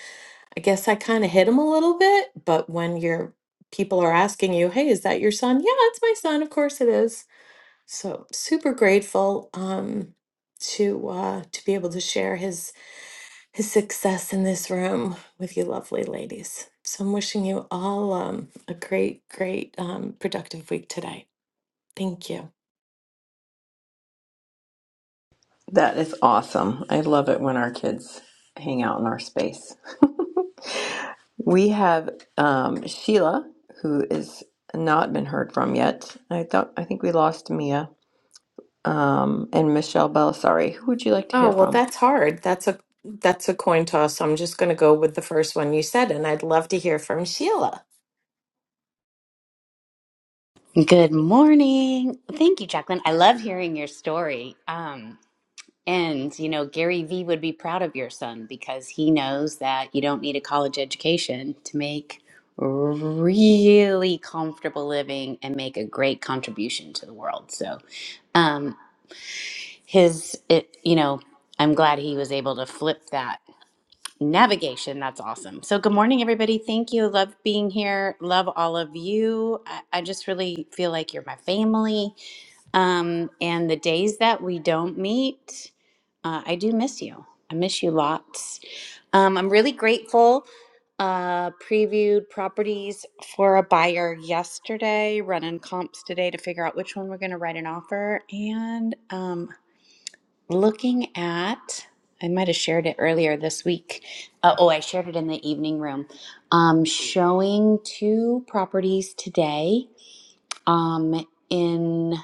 Speaker 16: I guess I kind of hit him a little bit. But when your people are asking you, hey, is that your son? Yeah, it's my son. Of course it is. So super grateful um, to uh, to be able to share his his success in this room with you lovely ladies. So I'm wishing you all um, a great, great um, productive week today. Thank you.
Speaker 2: That is awesome. I love it when our kids hang out in our space. We have um, Sheila, who is not been heard from yet. I thought I think we lost Mia um, and Michelle Belisari. Who would you like to
Speaker 16: Oh
Speaker 2: hear
Speaker 16: well,
Speaker 2: from?
Speaker 16: that's hard. That's a that's a coin toss. I'm just going to go with the first one you said, and I'd love to hear from Sheila.
Speaker 17: Good morning. Thank you, Jacqueline. I love hearing your story. Um, and, you know, Gary Vee would be proud of your son because he knows that you don't need a college education to make really comfortable living and make a great contribution to the world. So, um, his, it, you know, I'm glad he was able to flip that navigation. That's awesome. So, good morning, everybody. Thank you. Love being here. Love all of you. I, I just really feel like you're my family um, and the days that we don't meet, uh, I do miss you. I miss you lots. Um, I'm really grateful. Uh, previewed properties for a buyer yesterday, running comps today to figure out which one we're going to write an offer. And um, looking at, I might have shared it earlier this week. Uh, oh, I shared it in the evening room. Um, showing two properties today um, in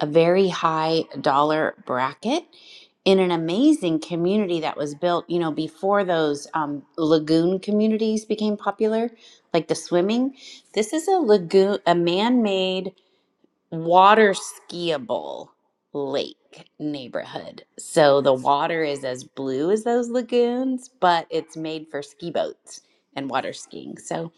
Speaker 17: a very high dollar bracket in an amazing community that was built, you know, before those um, lagoon communities became popular, like the swimming. This is a lagoon, a man made water skiable lake neighborhood. So the water is as blue as those lagoons, but it's made for ski boats and water skiing. So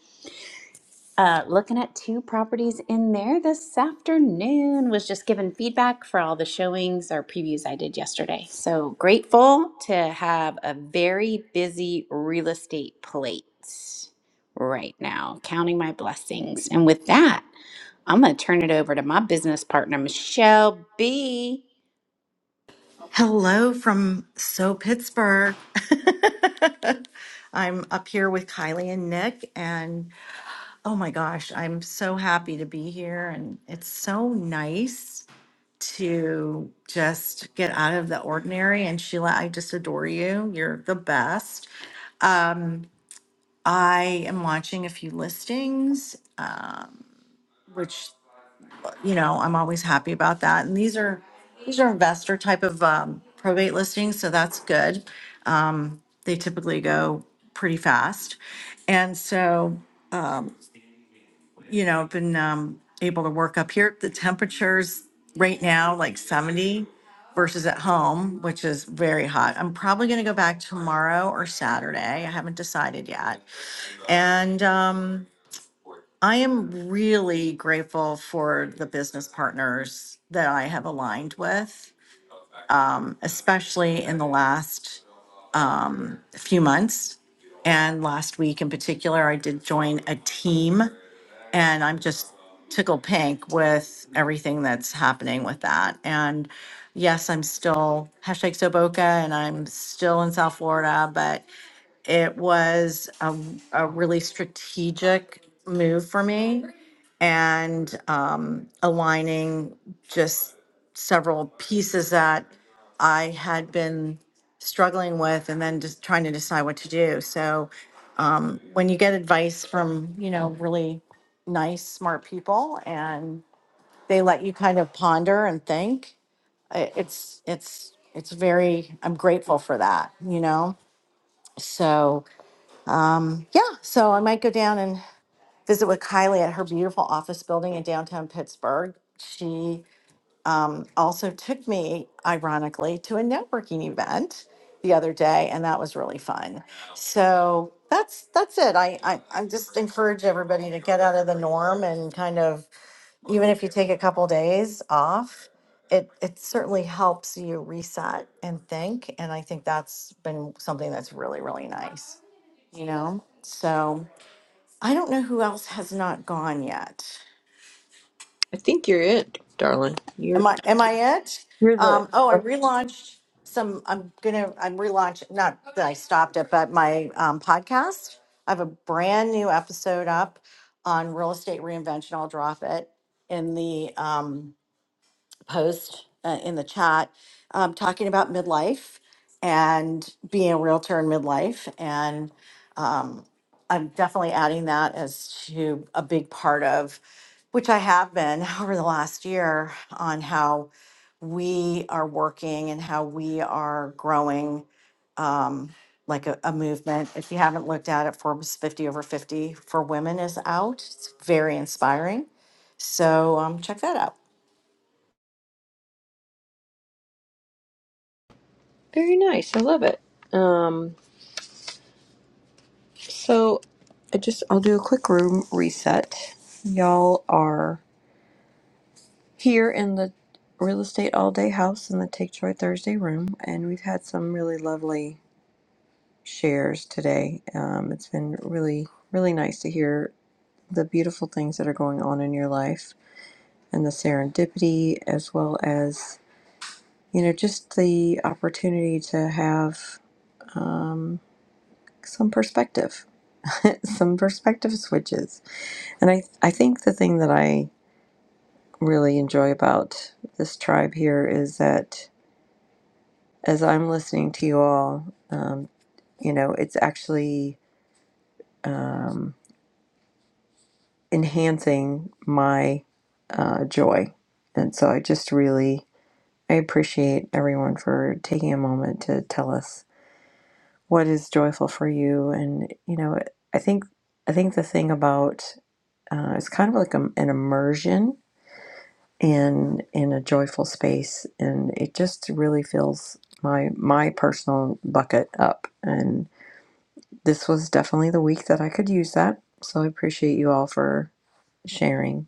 Speaker 17: uh, looking at two properties in there this afternoon. Was just given feedback for all the showings or previews I did yesterday. So grateful to have a very busy real estate plate right now, counting my blessings. And with that, I'm going to turn it over to my business partner, Michelle B.
Speaker 18: Hello from So Pittsburgh. I'm up here with Kylie and Nick, and oh my gosh, I'm so happy to be here. And it's so nice to just get out of the ordinary. And Sheila, I just adore you. You're the best. I am watching a few listings uh, which. you know, I'm always happy about that. And these are, these are investor type of um, probate listings, so that's good. Um, They typically go pretty fast. And so, you know, I've been um, able to work up here. The temperatures right now, like 70 versus at home, which is very hot. I'm probably going to go back tomorrow or Saturday. I haven't decided yet. And, um, I am really grateful for the business partners that I have aligned with, um, especially in the last um, few months. And last week in particular, I did join a team, and I'm just tickled pink with everything that's happening with that. And yes, I'm still hashtag Soboka, and I'm still in South Florida, but. It was a, a really strategic move for me and um, aligning just several pieces that I had been struggling with and then just trying to decide what to do. So um, when you get advice from, you know, really nice, smart people and they let you kind of ponder and think, i- it's, it's, it's very, I'm grateful for that, you know? So yeah, so I might go down and visit with Kylie at her beautiful office building in downtown Pittsburgh. She also took me, ironically, to a networking event the other day, and that was really fun. So that's that's it. I, I, I just encourage everybody to get out of the norm and kind of even if you take a couple days off, it it certainly helps you reset and think. And I think that's been something that's really, really nice, you know? So I don't know who else has not gone yet.
Speaker 2: I think you're it, darling. You're
Speaker 18: Am I am I it?
Speaker 2: You're the.
Speaker 18: Um, oh, I relaunched some. I'm gonna. I'm relaunching. Not that I stopped it, but my um, podcast. I have a brand new episode up on real estate reinvention. I'll drop it in the um, post uh, in the chat, um, talking about midlife and being a realtor in midlife. um, I'm definitely adding that as to a big part of, which I have been over the last year, on how we are working and how we are growing like a, a movement. If you haven't looked at it, Forbes 50 over 50 for women is out. It's very inspiring. So um, check that out.
Speaker 2: very nice. I love it. Um, so I just I'll do a quick room reset. Y'all are here in the real estate all day house in the Take Joy Thursday room, and we've had some really lovely shares today. Um, it's been really really nice to hear the beautiful things that are going on in your life and the serendipity as well as you know, just the opportunity to have um, some perspective, some perspective switches. And I, I think the thing that I really enjoy about this tribe here is that as I'm listening to you all, um, you know, it's actually um, enhancing my uh, joy. And so I just really, I appreciate everyone for taking a moment to tell us what is joyful for you and you know i think i think the thing about uh, it's kind of like a, an immersion in in a joyful space and it just really fills my my personal bucket up and this was definitely the week that i could use that so i appreciate you all for sharing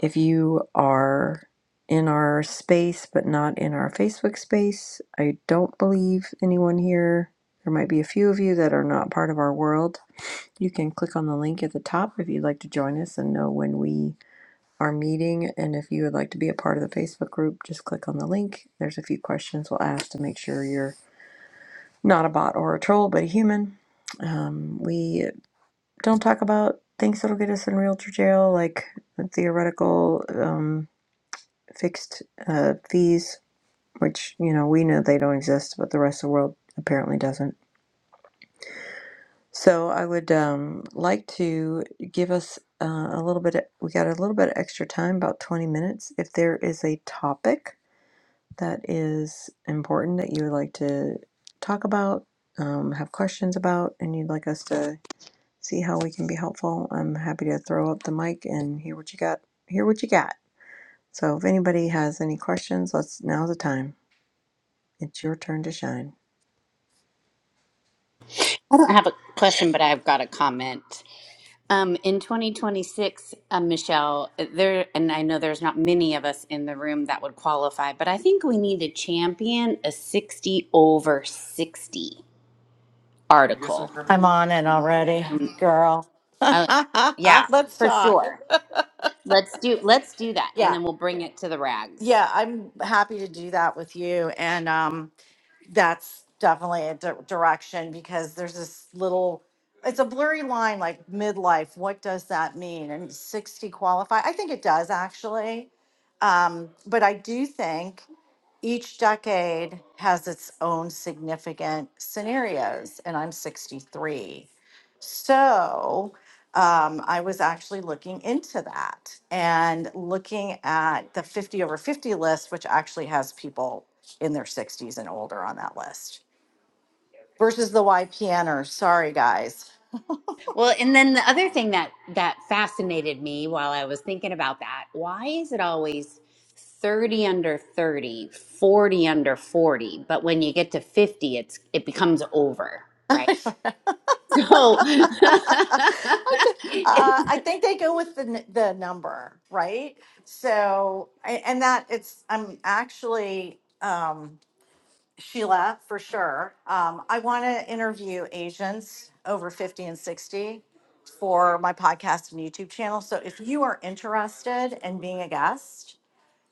Speaker 2: if you are in our space but not in our facebook space i don't believe anyone here there might be a few of you that are not part of our world You can click on the link at the top if you'd like to join us and know when we are meeting. And if you would like to be a part of the Facebook group, just click on the link. There's a few questions we'll ask to make sure you're not a bot or a troll, but a human. Um, we don't talk about things that'll get us in realtor jail, like theoretical um, fixed uh, fees, which, you know, we know they don't exist, but the rest of the world apparently doesn't So I would um, like to give us uh, a little bit, we got a little bit of extra time, about 20 minutes. If there is a topic that is important that you would like to talk about, um, have questions about, and you'd like us to see how we can be helpful, I'm happy to throw up the mic and hear what you got, hear what you got. So if anybody has any questions, let's, now's the time. It's your turn to shine.
Speaker 17: I don't have a question, but I've got a comment. Um, in 2026, uh, Michelle, there, and I know there's not many of us in the room that would qualify, but I think we need to champion a 60 over 60 article.
Speaker 18: I'm on it already,
Speaker 17: And,
Speaker 18: girl.
Speaker 17: uh, yeah,
Speaker 18: Let's
Speaker 17: for
Speaker 18: talk.
Speaker 17: sure. Let's do let's do that, and
Speaker 18: Yeah.
Speaker 17: then we'll bring it to the rags.
Speaker 18: Yeah. I'm happy to do that with you. And, um, that's definitely a di- direction because there's this little it's a blurry line like midlife what does that mean and 60 qualify i think it does actually um, but i do think each decade has its own significant scenarios and i'm 63 so um, i was actually looking into that and looking at the 50 over 50 list which actually has people in their 60s and older on that list versus the YPNers. Sorry, guys.
Speaker 17: Well, and then the other thing that that fascinated me while I was thinking about that, why is it always 30 under 30, 40 under 40, but when you get to 50 it's it becomes over, right? So
Speaker 18: I, d- uh, I think they go with the n- the number, right? So, a- and that it's I'm actually um, Sheila for sure. Um, I want to interview Asians over fifty and sixty for my podcast and YouTube channel. So, if you are interested in being a guest,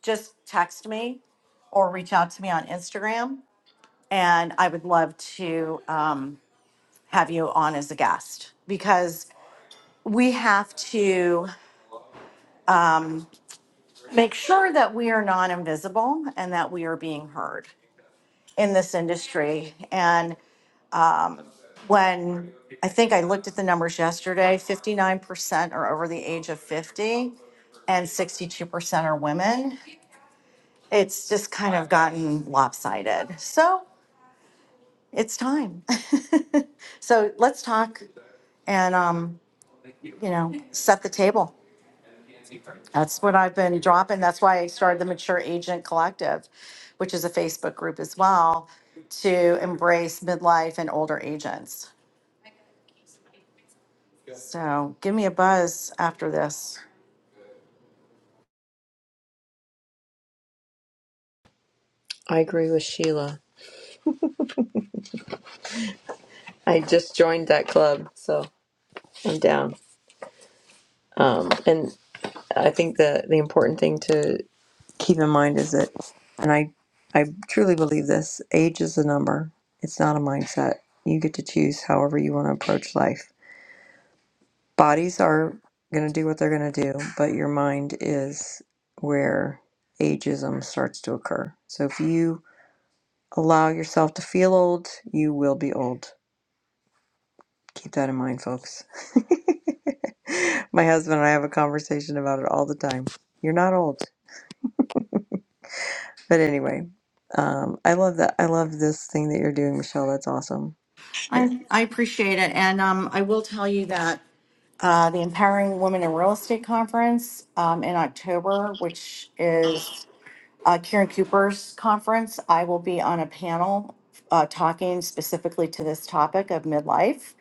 Speaker 18: just text me or reach out to me on Instagram, and I would love to. Um, have you on as a guest because we have to make sure that we are not invisible and that we are being heard in this industry. And when I think I looked at the numbers yesterday, 59% are over the age of 50 and 62% are women. It's just kind of gotten lopsided. So it's time. so let's talk and, um, you know, set the table. That's what I've been dropping. That's why I started the Mature Agent Collective, which is a Facebook group as well to embrace midlife and older agents. So give me a buzz after this.
Speaker 2: I agree with Sheila. I just joined that club, so I'm down. Um, and I think the the important thing to keep in mind is that, and I I truly believe this: age is a number. It's not a mindset. You get to choose however you want to approach life. Bodies are going to do what they're going to do, but your mind is where ageism starts to occur. So if you allow yourself to feel old, you will be old. Keep that in mind, folks. My husband and I have a conversation about it all the time. You're not old But anyway, um, I love that. I love this thing that you're doing, Michelle. That's awesome.
Speaker 18: I, I appreciate it. And um, I will tell you that uh, the Empowering Women in Real Estate Conference um, in October, which is uh, Karen Cooper's conference, I will be on a panel uh, talking specifically to this topic of midlife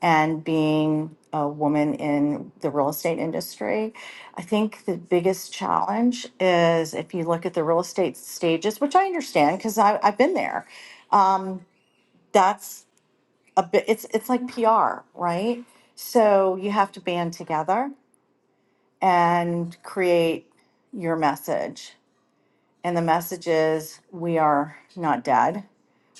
Speaker 18: and being a woman in the real estate industry. I think the biggest challenge is if you look at the real estate stages, which I understand because I've been there. Um, that's a bit. It's it's like PR, right? So you have to band together and create your message and the message is we are not dead.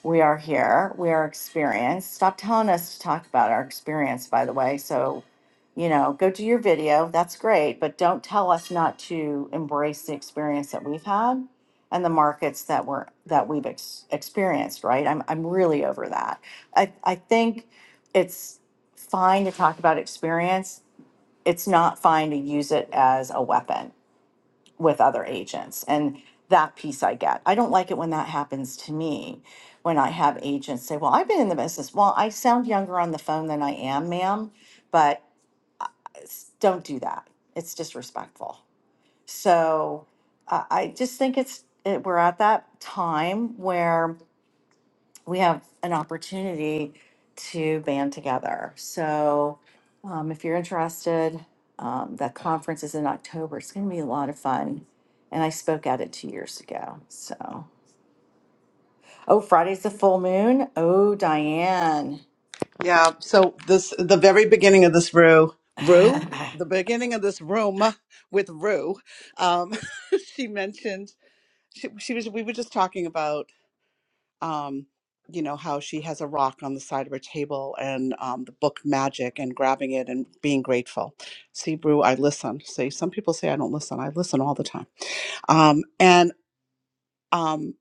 Speaker 18: We are here. We are experienced. Stop telling us to talk about our experience, by the way. So, you know, go do your video. That's great. But don't tell us not to embrace the experience that we've had and the markets that we're that we've ex- experienced, right? I'm I'm really over that. I, I think it's fine to talk about experience. It's not fine to use it as a weapon with other agents and that piece i get i don't like it when that happens to me when i have agents say well i've been in the business well i sound younger on the phone than i am ma'am but s- don't do that it's disrespectful so uh, i just think it's it, we're at that time where we have an opportunity to band together. So um, if you're interested, um, the conference is in October. It's going to be a lot of fun. And I spoke at it two years ago. So, oh, Friday's the full moon. Oh, Diane.
Speaker 3: Yeah. So this the very beginning of this room, rue, the beginning of this room with Rue, um, she mentioned she, she was we were just talking about um, you know how she has a rock on the side of her table and um, the book Magic and grabbing it and being grateful. See, Rue, I listen. See, some people say I don't listen. I listen all the time. Um, and um,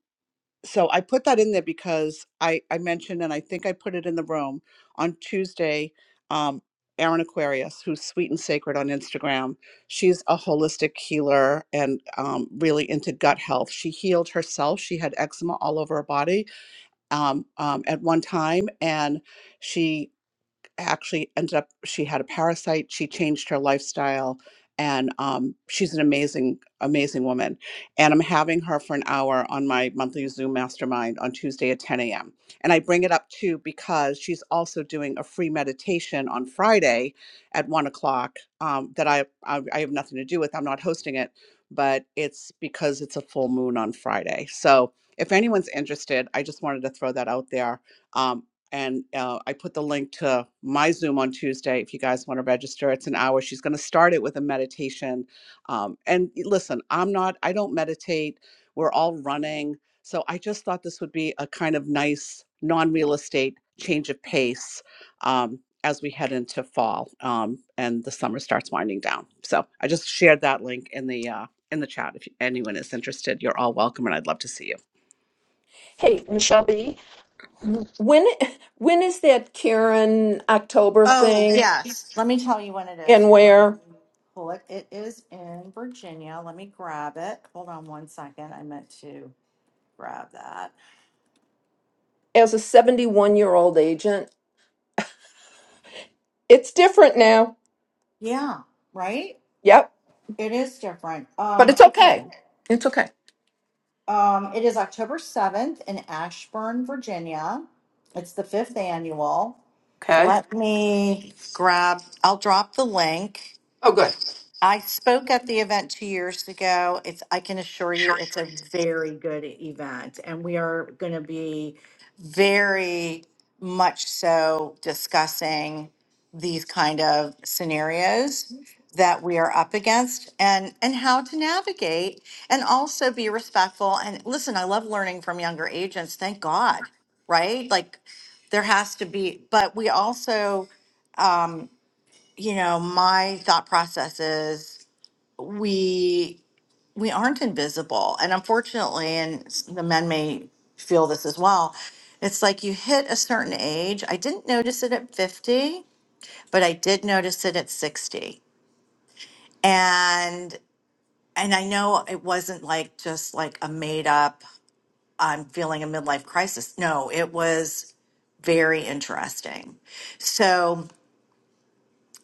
Speaker 3: so I put that in there because I, I mentioned, and I think I put it in the room on Tuesday. Um, Erin Aquarius, who's sweet and sacred on Instagram, she's a holistic healer and um, really into gut health. She healed herself. She had eczema all over her body um, um, at one time, and she actually ended up she had a parasite she changed her lifestyle and um, she's an amazing amazing woman and i'm having her for an hour on my monthly zoom mastermind on tuesday at 10 a.m and i bring it up too because she's also doing a free meditation on friday at 1 o'clock um, that I, I i have nothing to do with i'm not hosting it but it's because it's a full moon on friday so if anyone's interested i just wanted to throw that out there Um, and uh, I put the link to my Zoom on Tuesday if you guys want to register. It's an hour. She's going to start it with a meditation. Um, and listen, I'm not, I don't meditate. We're all running. So I just thought this would be a kind of nice non real estate change of pace um, as we head into fall um, and the summer starts winding down. So I just shared that link in the, uh, in the chat. If anyone is interested, you're all welcome and I'd love to see you.
Speaker 6: Hey, when when is that Karen October
Speaker 18: Oh,
Speaker 6: thing
Speaker 18: yes. Let me tell you when it
Speaker 6: and
Speaker 18: is. Hold on, let
Speaker 6: where
Speaker 18: me pull it. It is in Virginia. Let me grab it. Hold on one second. I meant to grab that.
Speaker 6: as a 71-year-old agent? It's different now.
Speaker 18: Yeah, right?
Speaker 6: Yep,
Speaker 18: It is different.
Speaker 6: but
Speaker 18: Um,
Speaker 6: it's
Speaker 18: okay.
Speaker 6: okay. It's okay.
Speaker 18: Um, it is October 7th in Ashburn, Virginia. It's the fifth annual.
Speaker 6: Okay.
Speaker 18: Let me grab, I'll drop the link.
Speaker 6: Oh, good.
Speaker 18: I spoke at the event two years ago. It's, I can assure you, it's a very good event, and we are going to be very much so discussing these kind of scenarios that we are up against and and how to navigate and also be respectful and listen i love learning from younger agents thank god right like there has to be but we also you know my thought process is we we aren't invisible and unfortunately and s- the men may feel this as well it's like you hit a certain age i didn't notice it at 50 but i did notice it at 60 and and i know it wasn't like just like a made up i'm feeling a midlife crisis no it was very interesting so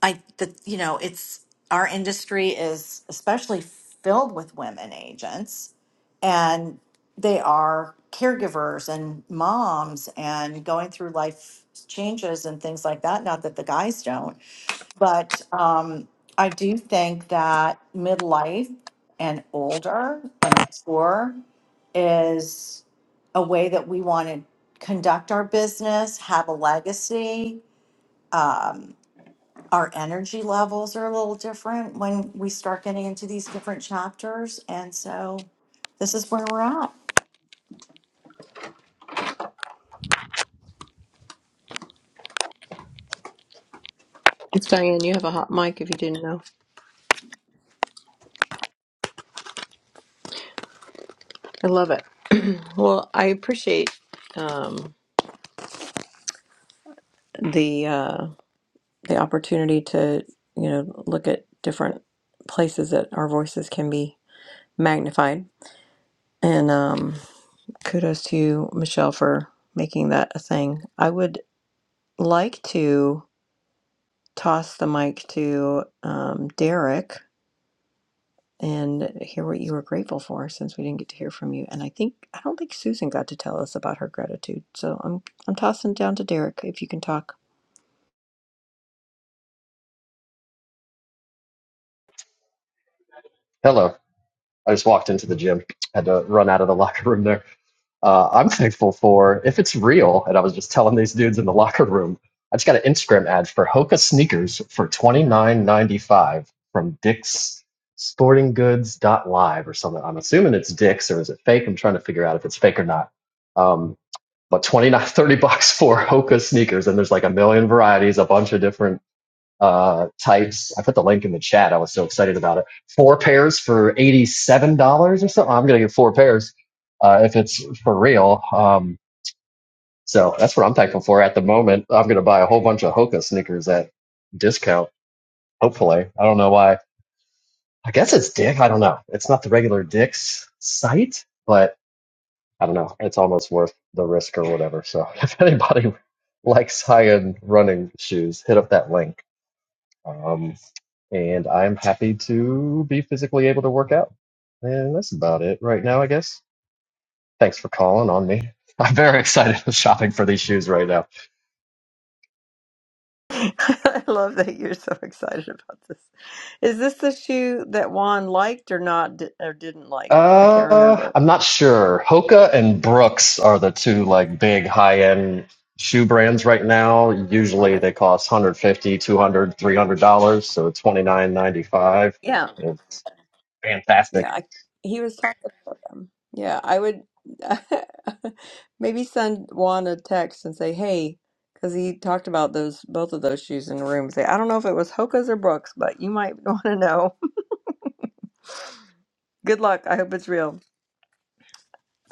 Speaker 18: I the you know it's our industry is especially filled with women agents and they are caregivers and moms and going through life changes and things like that not that the guys don't but um, i do think that midlife and older and mature is a way that we want to conduct our business have a legacy um, our energy levels are a little different when we start getting into these different chapters. And so this is where we're at.
Speaker 2: It's Diane. You have a hot mic if you didn't know. I love it. well, I appreciate um, the uh, The opportunity to, you know, look at different places that our voices can be magnified. And um, kudos to you, Michelle, for making that a thing. I would like to toss the mic to um, Derek. and hear what you were grateful for since we didn't get to hear from you. And I think I don't think Susan got to tell us about her gratitude. So I'm I'm tossing it down to Derek if you can talk.
Speaker 19: Hello. I just walked into the gym. Had to run out of the locker room there. Uh, I'm thankful for if it's real, and I was just telling these dudes in the locker room, I just got an Instagram ad for Hoka sneakers for twenty nine ninety five from Dick's Sporting Goods dot live or something. I'm assuming it's Dick's or is it fake? I'm trying to figure out if it's fake or not. Um, but 29 30 bucks for Hoka sneakers, and there's like a million varieties, a bunch of different uh, tights. I put the link in the chat. I was so excited about it. Four pairs for $87 or something. I'm going to get four pairs uh, if it's for real. Um, so that's what I'm thankful for at the moment. I'm going to buy a whole bunch of Hoka sneakers at discount, hopefully. I don't know why. I guess it's Dick. I don't know. It's not the regular Dick's site, but I don't know. It's almost worth the risk or whatever. So if anybody likes high end running shoes, hit up that link. Um, and I'm happy to be physically able to work out. And that's about it right now, I guess. Thanks for calling on me. I'm very excited for shopping for these shoes right now.
Speaker 2: I love that you're so excited about this. Is this the shoe that Juan liked or not or didn't like? I can't
Speaker 19: Uh,
Speaker 2: remember.
Speaker 19: I'm not sure. Hoka and Brooks are the two like big high-end shoe brands right now. Usually they cost 150, 200, 300 dollars, two hundred dollars, three hundred dollars, so
Speaker 2: Yeah.
Speaker 19: 29.95 It's
Speaker 2: Yeah,
Speaker 19: fantastic.
Speaker 2: I, he was talking about them. Yeah, I would maybe send Juan a text and say, "Hey," because he talked about those both of those shoes in the room. Say, I don't know if it was Hoka's or Brooks, but you might want to know. Good luck. I hope it's real.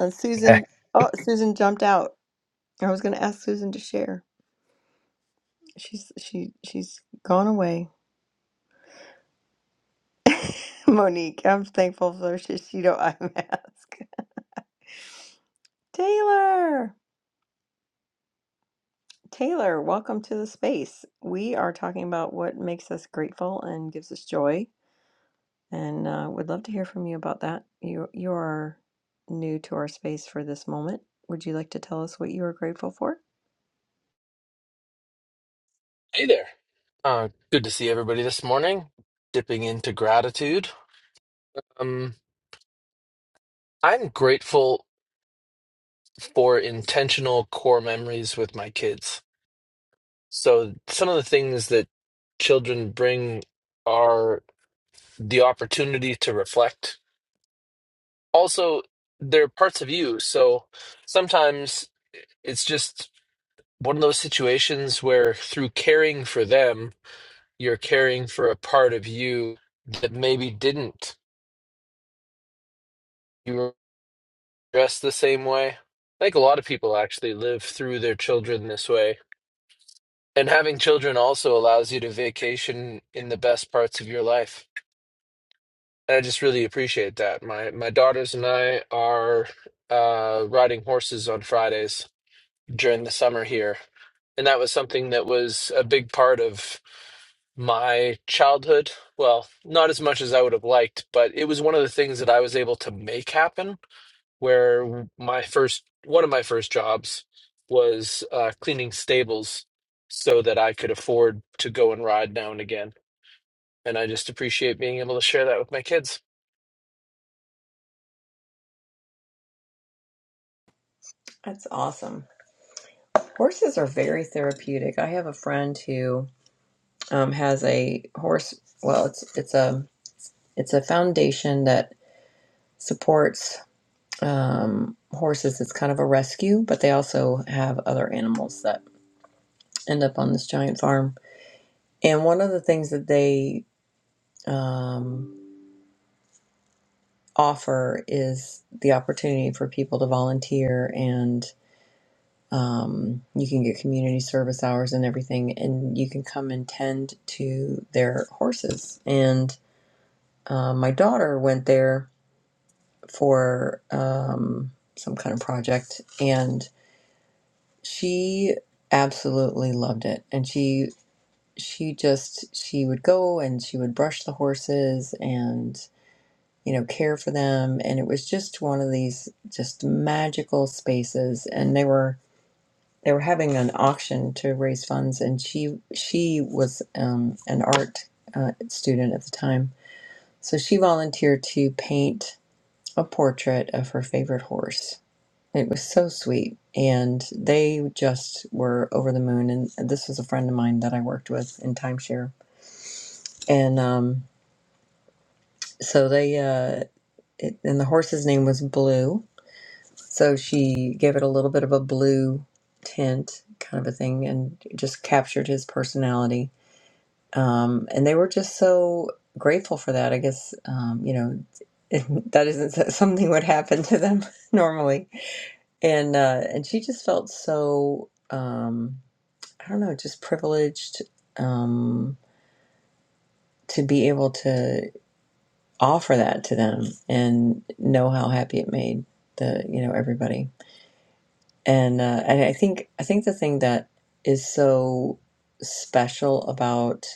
Speaker 2: And Susan, oh, Susan jumped out. I was going to ask Susan to share. She's she she's gone away. Monique, I'm thankful for she she don't eye mask. Taylor. Taylor, welcome to the space. We are talking about what makes us grateful and gives us joy, and uh, would love to hear from you about that. You you are new to our space for this moment. Would you like to tell us what you are grateful for?
Speaker 20: Hey there. Uh, good to see everybody this morning. Dipping into gratitude. Um, I'm grateful for intentional core memories with my kids. So, some of the things that children bring are the opportunity to reflect. Also, they're parts of you. So, sometimes it's just one of those situations where through caring for them, you're caring for a part of you that maybe didn't. you. dressed the same way. I think a lot of people actually live through their children this way. And having children also allows you to vacation in the best parts of your life. And I just really appreciate that. My my daughters and I are uh, riding horses on Fridays during the summer here. And that was something that was a big part of my childhood. Well, not as much as I would have liked, but it was one of the things that I was able to make happen where my first one of my first jobs was uh, cleaning stables so that I could afford to go and ride now and again. And I just appreciate being able to share that with my kids.
Speaker 2: That's awesome. Horses are very therapeutic. I have a friend who um, has a horse. Well, it's it's a it's a foundation that supports um, horses. It's kind of a rescue, but they also have other animals that end up on this giant farm And one of the things that they um, offer is the opportunity for people to volunteer, and um, you can get community service hours and everything, and you can come and tend to their horses. And uh, my daughter went there for um, some kind of project, and she absolutely loved it. And she she just she would go and she would brush the horses you know, care for them. And it was just one of these just magical spaces. And they were they were having an auction to raise funds, and she she was um, an art uh, student at the time, so she volunteered to paint a portrait of her favorite horse. It was so sweet, and they just were over the moon. And this was a friend of mine that I worked with in timeshare, and um, so they uh, it, and the horse's name was Blue, So she gave it a little bit of a blue tint kind of a thing and just captured his personality. Um, and they were just so grateful for that. I guess, um, you know, that isn't that something would happen to them normally. And, uh, and she just felt so, um, I don't know, just privileged, um, to be able to offer that to them and know how happy it made the, you know, everybody. and uh, and I think I think the thing that is so special about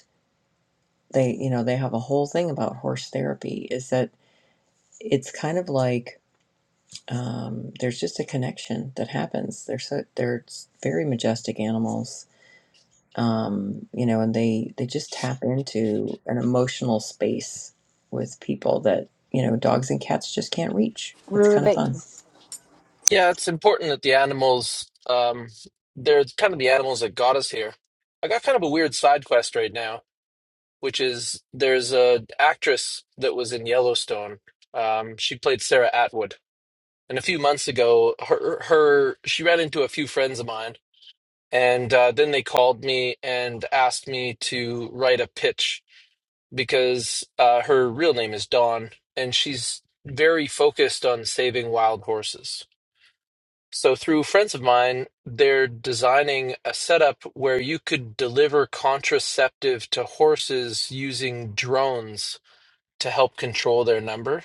Speaker 2: they you know they have a whole thing about horse therapy is that it's kind of like um, there's just a connection that happens. They're so they're s- very majestic animals, um, you know, and they they just tap into an emotional space with people that you know dogs and cats just can't reach. It's kind of
Speaker 14: Rue,
Speaker 2: fun.
Speaker 20: Yeah, it's important that the animals, um, they're kind of the animals that got us here. I got kind of a weird side quest right now, which is there's a actress that was in Yellowstone. Um, she played Sarah Atwood. And a few months ago, her, her she ran into a few friends of mine And uh, then they called me and asked me to write a pitch because uh, her real name is Dawn and she's very focused on saving wild horses. So, through friends of mine, they're designing a setup where you could deliver contraceptive to horses using drones to help control their number.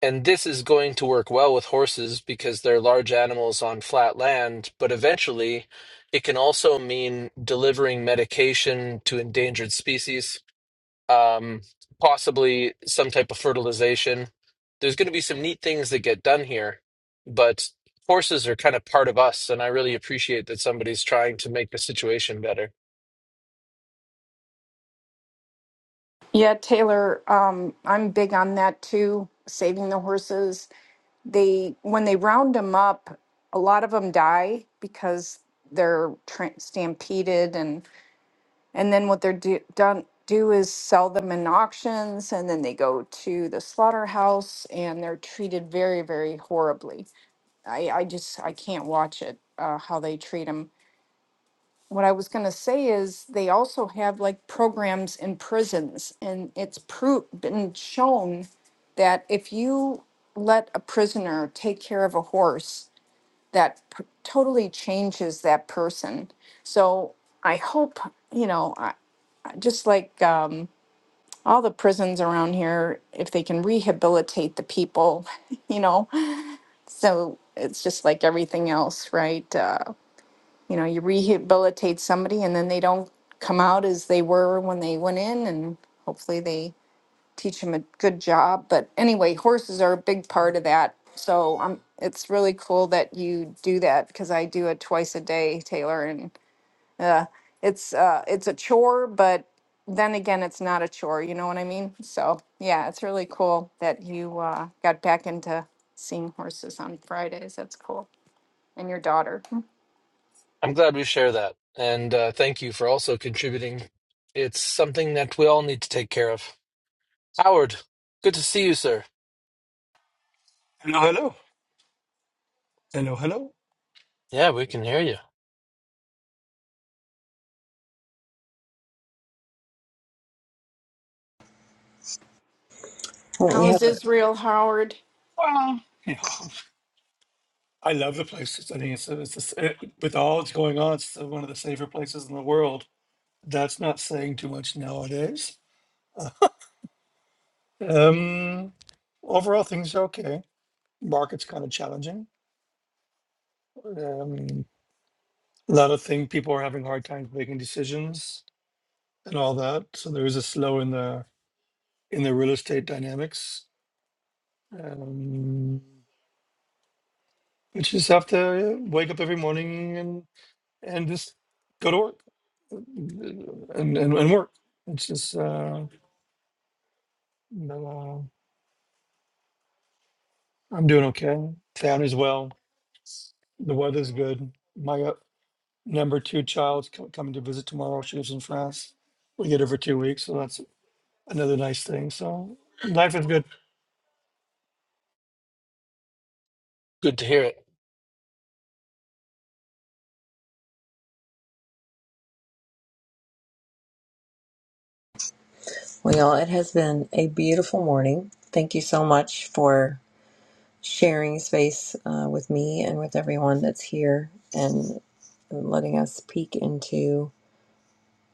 Speaker 20: And this is going to work well with horses because they're large animals on flat land, but eventually it can also mean delivering medication to endangered species, um, possibly some type of fertilization. There's going to be some neat things that get done here, but horses are kind of part of us, and I really appreciate that somebody's trying to make the situation better.
Speaker 14: Yeah, Taylor, um, I'm big on that too, saving the horses. They when they round them up, a lot of them die because they're tra- stampeded and and then what they're do- done do is sell them in auctions and then they go to the slaughterhouse and they're treated very very horribly. I I just I can't watch it uh, how they treat them what I was going to say is they also have like programs in prisons, and it's pro- been shown that if you let a prisoner take care of a horse, that p- totally changes that person. So I hope, you know, I, just like um, all the prisons around here, if they can rehabilitate the people, you know, so it's just like everything else, right? Uh, you know, you rehabilitate somebody and then they don't come out as they were when they went in and hopefully they teach them a good job. But anyway, horses are a big part of that. So um, it's really cool that you do that because I do it twice a day, Taylor, and uh, it's uh, it's a chore, but then again, it's not a chore. You know what I mean? So yeah, it's really cool that you uh, got back into seeing horses on Fridays. That's cool. And your daughter,
Speaker 20: I'm glad we share that, and uh, thank you for also contributing. It's something that we all need to take care of. Howard, good to see you, sir.
Speaker 1: Hello, hello. Hello, hello.
Speaker 20: Yeah, we can hear you.
Speaker 2: Well, we
Speaker 14: how is
Speaker 2: have.
Speaker 14: Israel Howard?
Speaker 1: Well, you know, I love the place. I think it's, it's, it's it, with all that's going on, it's one of the safer places in the world. That's not saying too much nowadays. Uh, Um, overall, things are okay. Market's kind of challenging. Um, a lot of things people are having hard times making decisions and all that. So there is a slow in the in the real estate dynamics. Um, you just have to wake up every morning and and just go to work. and, and, and work. It's just, uh, but, uh, I'm doing okay. Family's well. The weather's good. My uh, number two child's co- coming to visit tomorrow. She lives in France. We get her for two weeks, so that's another nice thing. So life is good.
Speaker 20: Good to hear it.
Speaker 2: Well, y'all, it has been a beautiful morning. Thank you so much for sharing space uh, with me and with everyone that's here and letting us peek into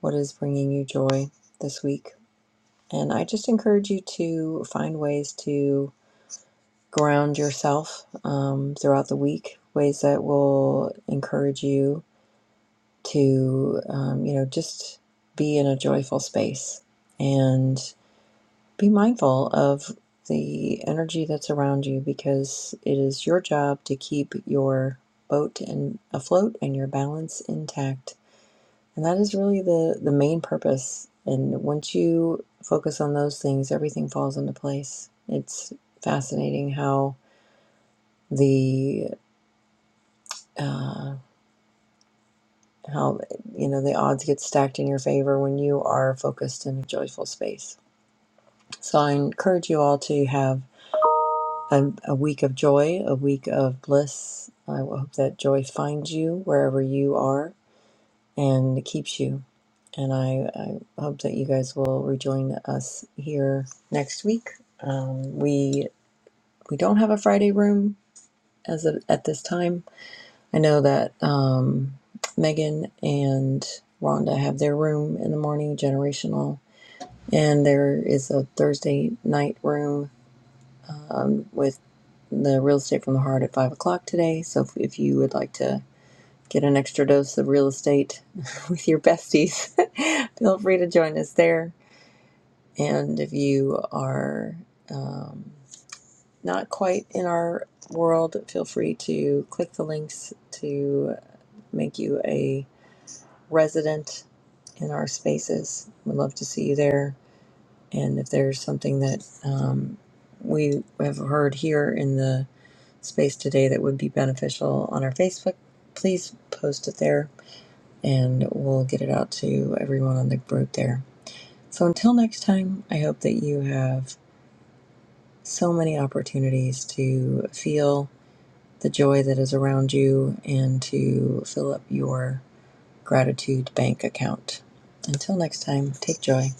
Speaker 2: what is bringing you joy this week. And I just encourage you to find ways to ground yourself um, throughout the week, ways that will encourage you to, um, you know, just be in a joyful space. and. Be mindful of the energy that's around you because it is your job to keep your boat and afloat and your balance intact. And that is really the, the main purpose. And once you focus on those things, everything falls into place. It's fascinating how the uh, how you know the odds get stacked in your favor when you are focused in a joyful space. So I encourage you all to have a, a week of joy, a week of bliss. I hope that joy finds you wherever you are and keeps you. And I, I hope that you guys will rejoin us here next week. Um, we we don't have a Friday room as of, at this time. I know that um, Megan and Rhonda have their room in the morning, generational, and there is a Thursday night room the real estate from the heart at five o'clock today. So if, if you would like to get an extra dose of real estate with your besties, feel free to join us there. And if you are um, not quite in our world, feel free to click the links to make you a resident in our spaces. We'd love to see you there. And if there's something that um, we have heard here in the space today that would be beneficial on our Facebook, please post it there and we'll get it out to everyone on the group there. So until next time, I hope that you have so many opportunities to feel the joy that is around you and to fill up your gratitude bank account. Until next time, take joy.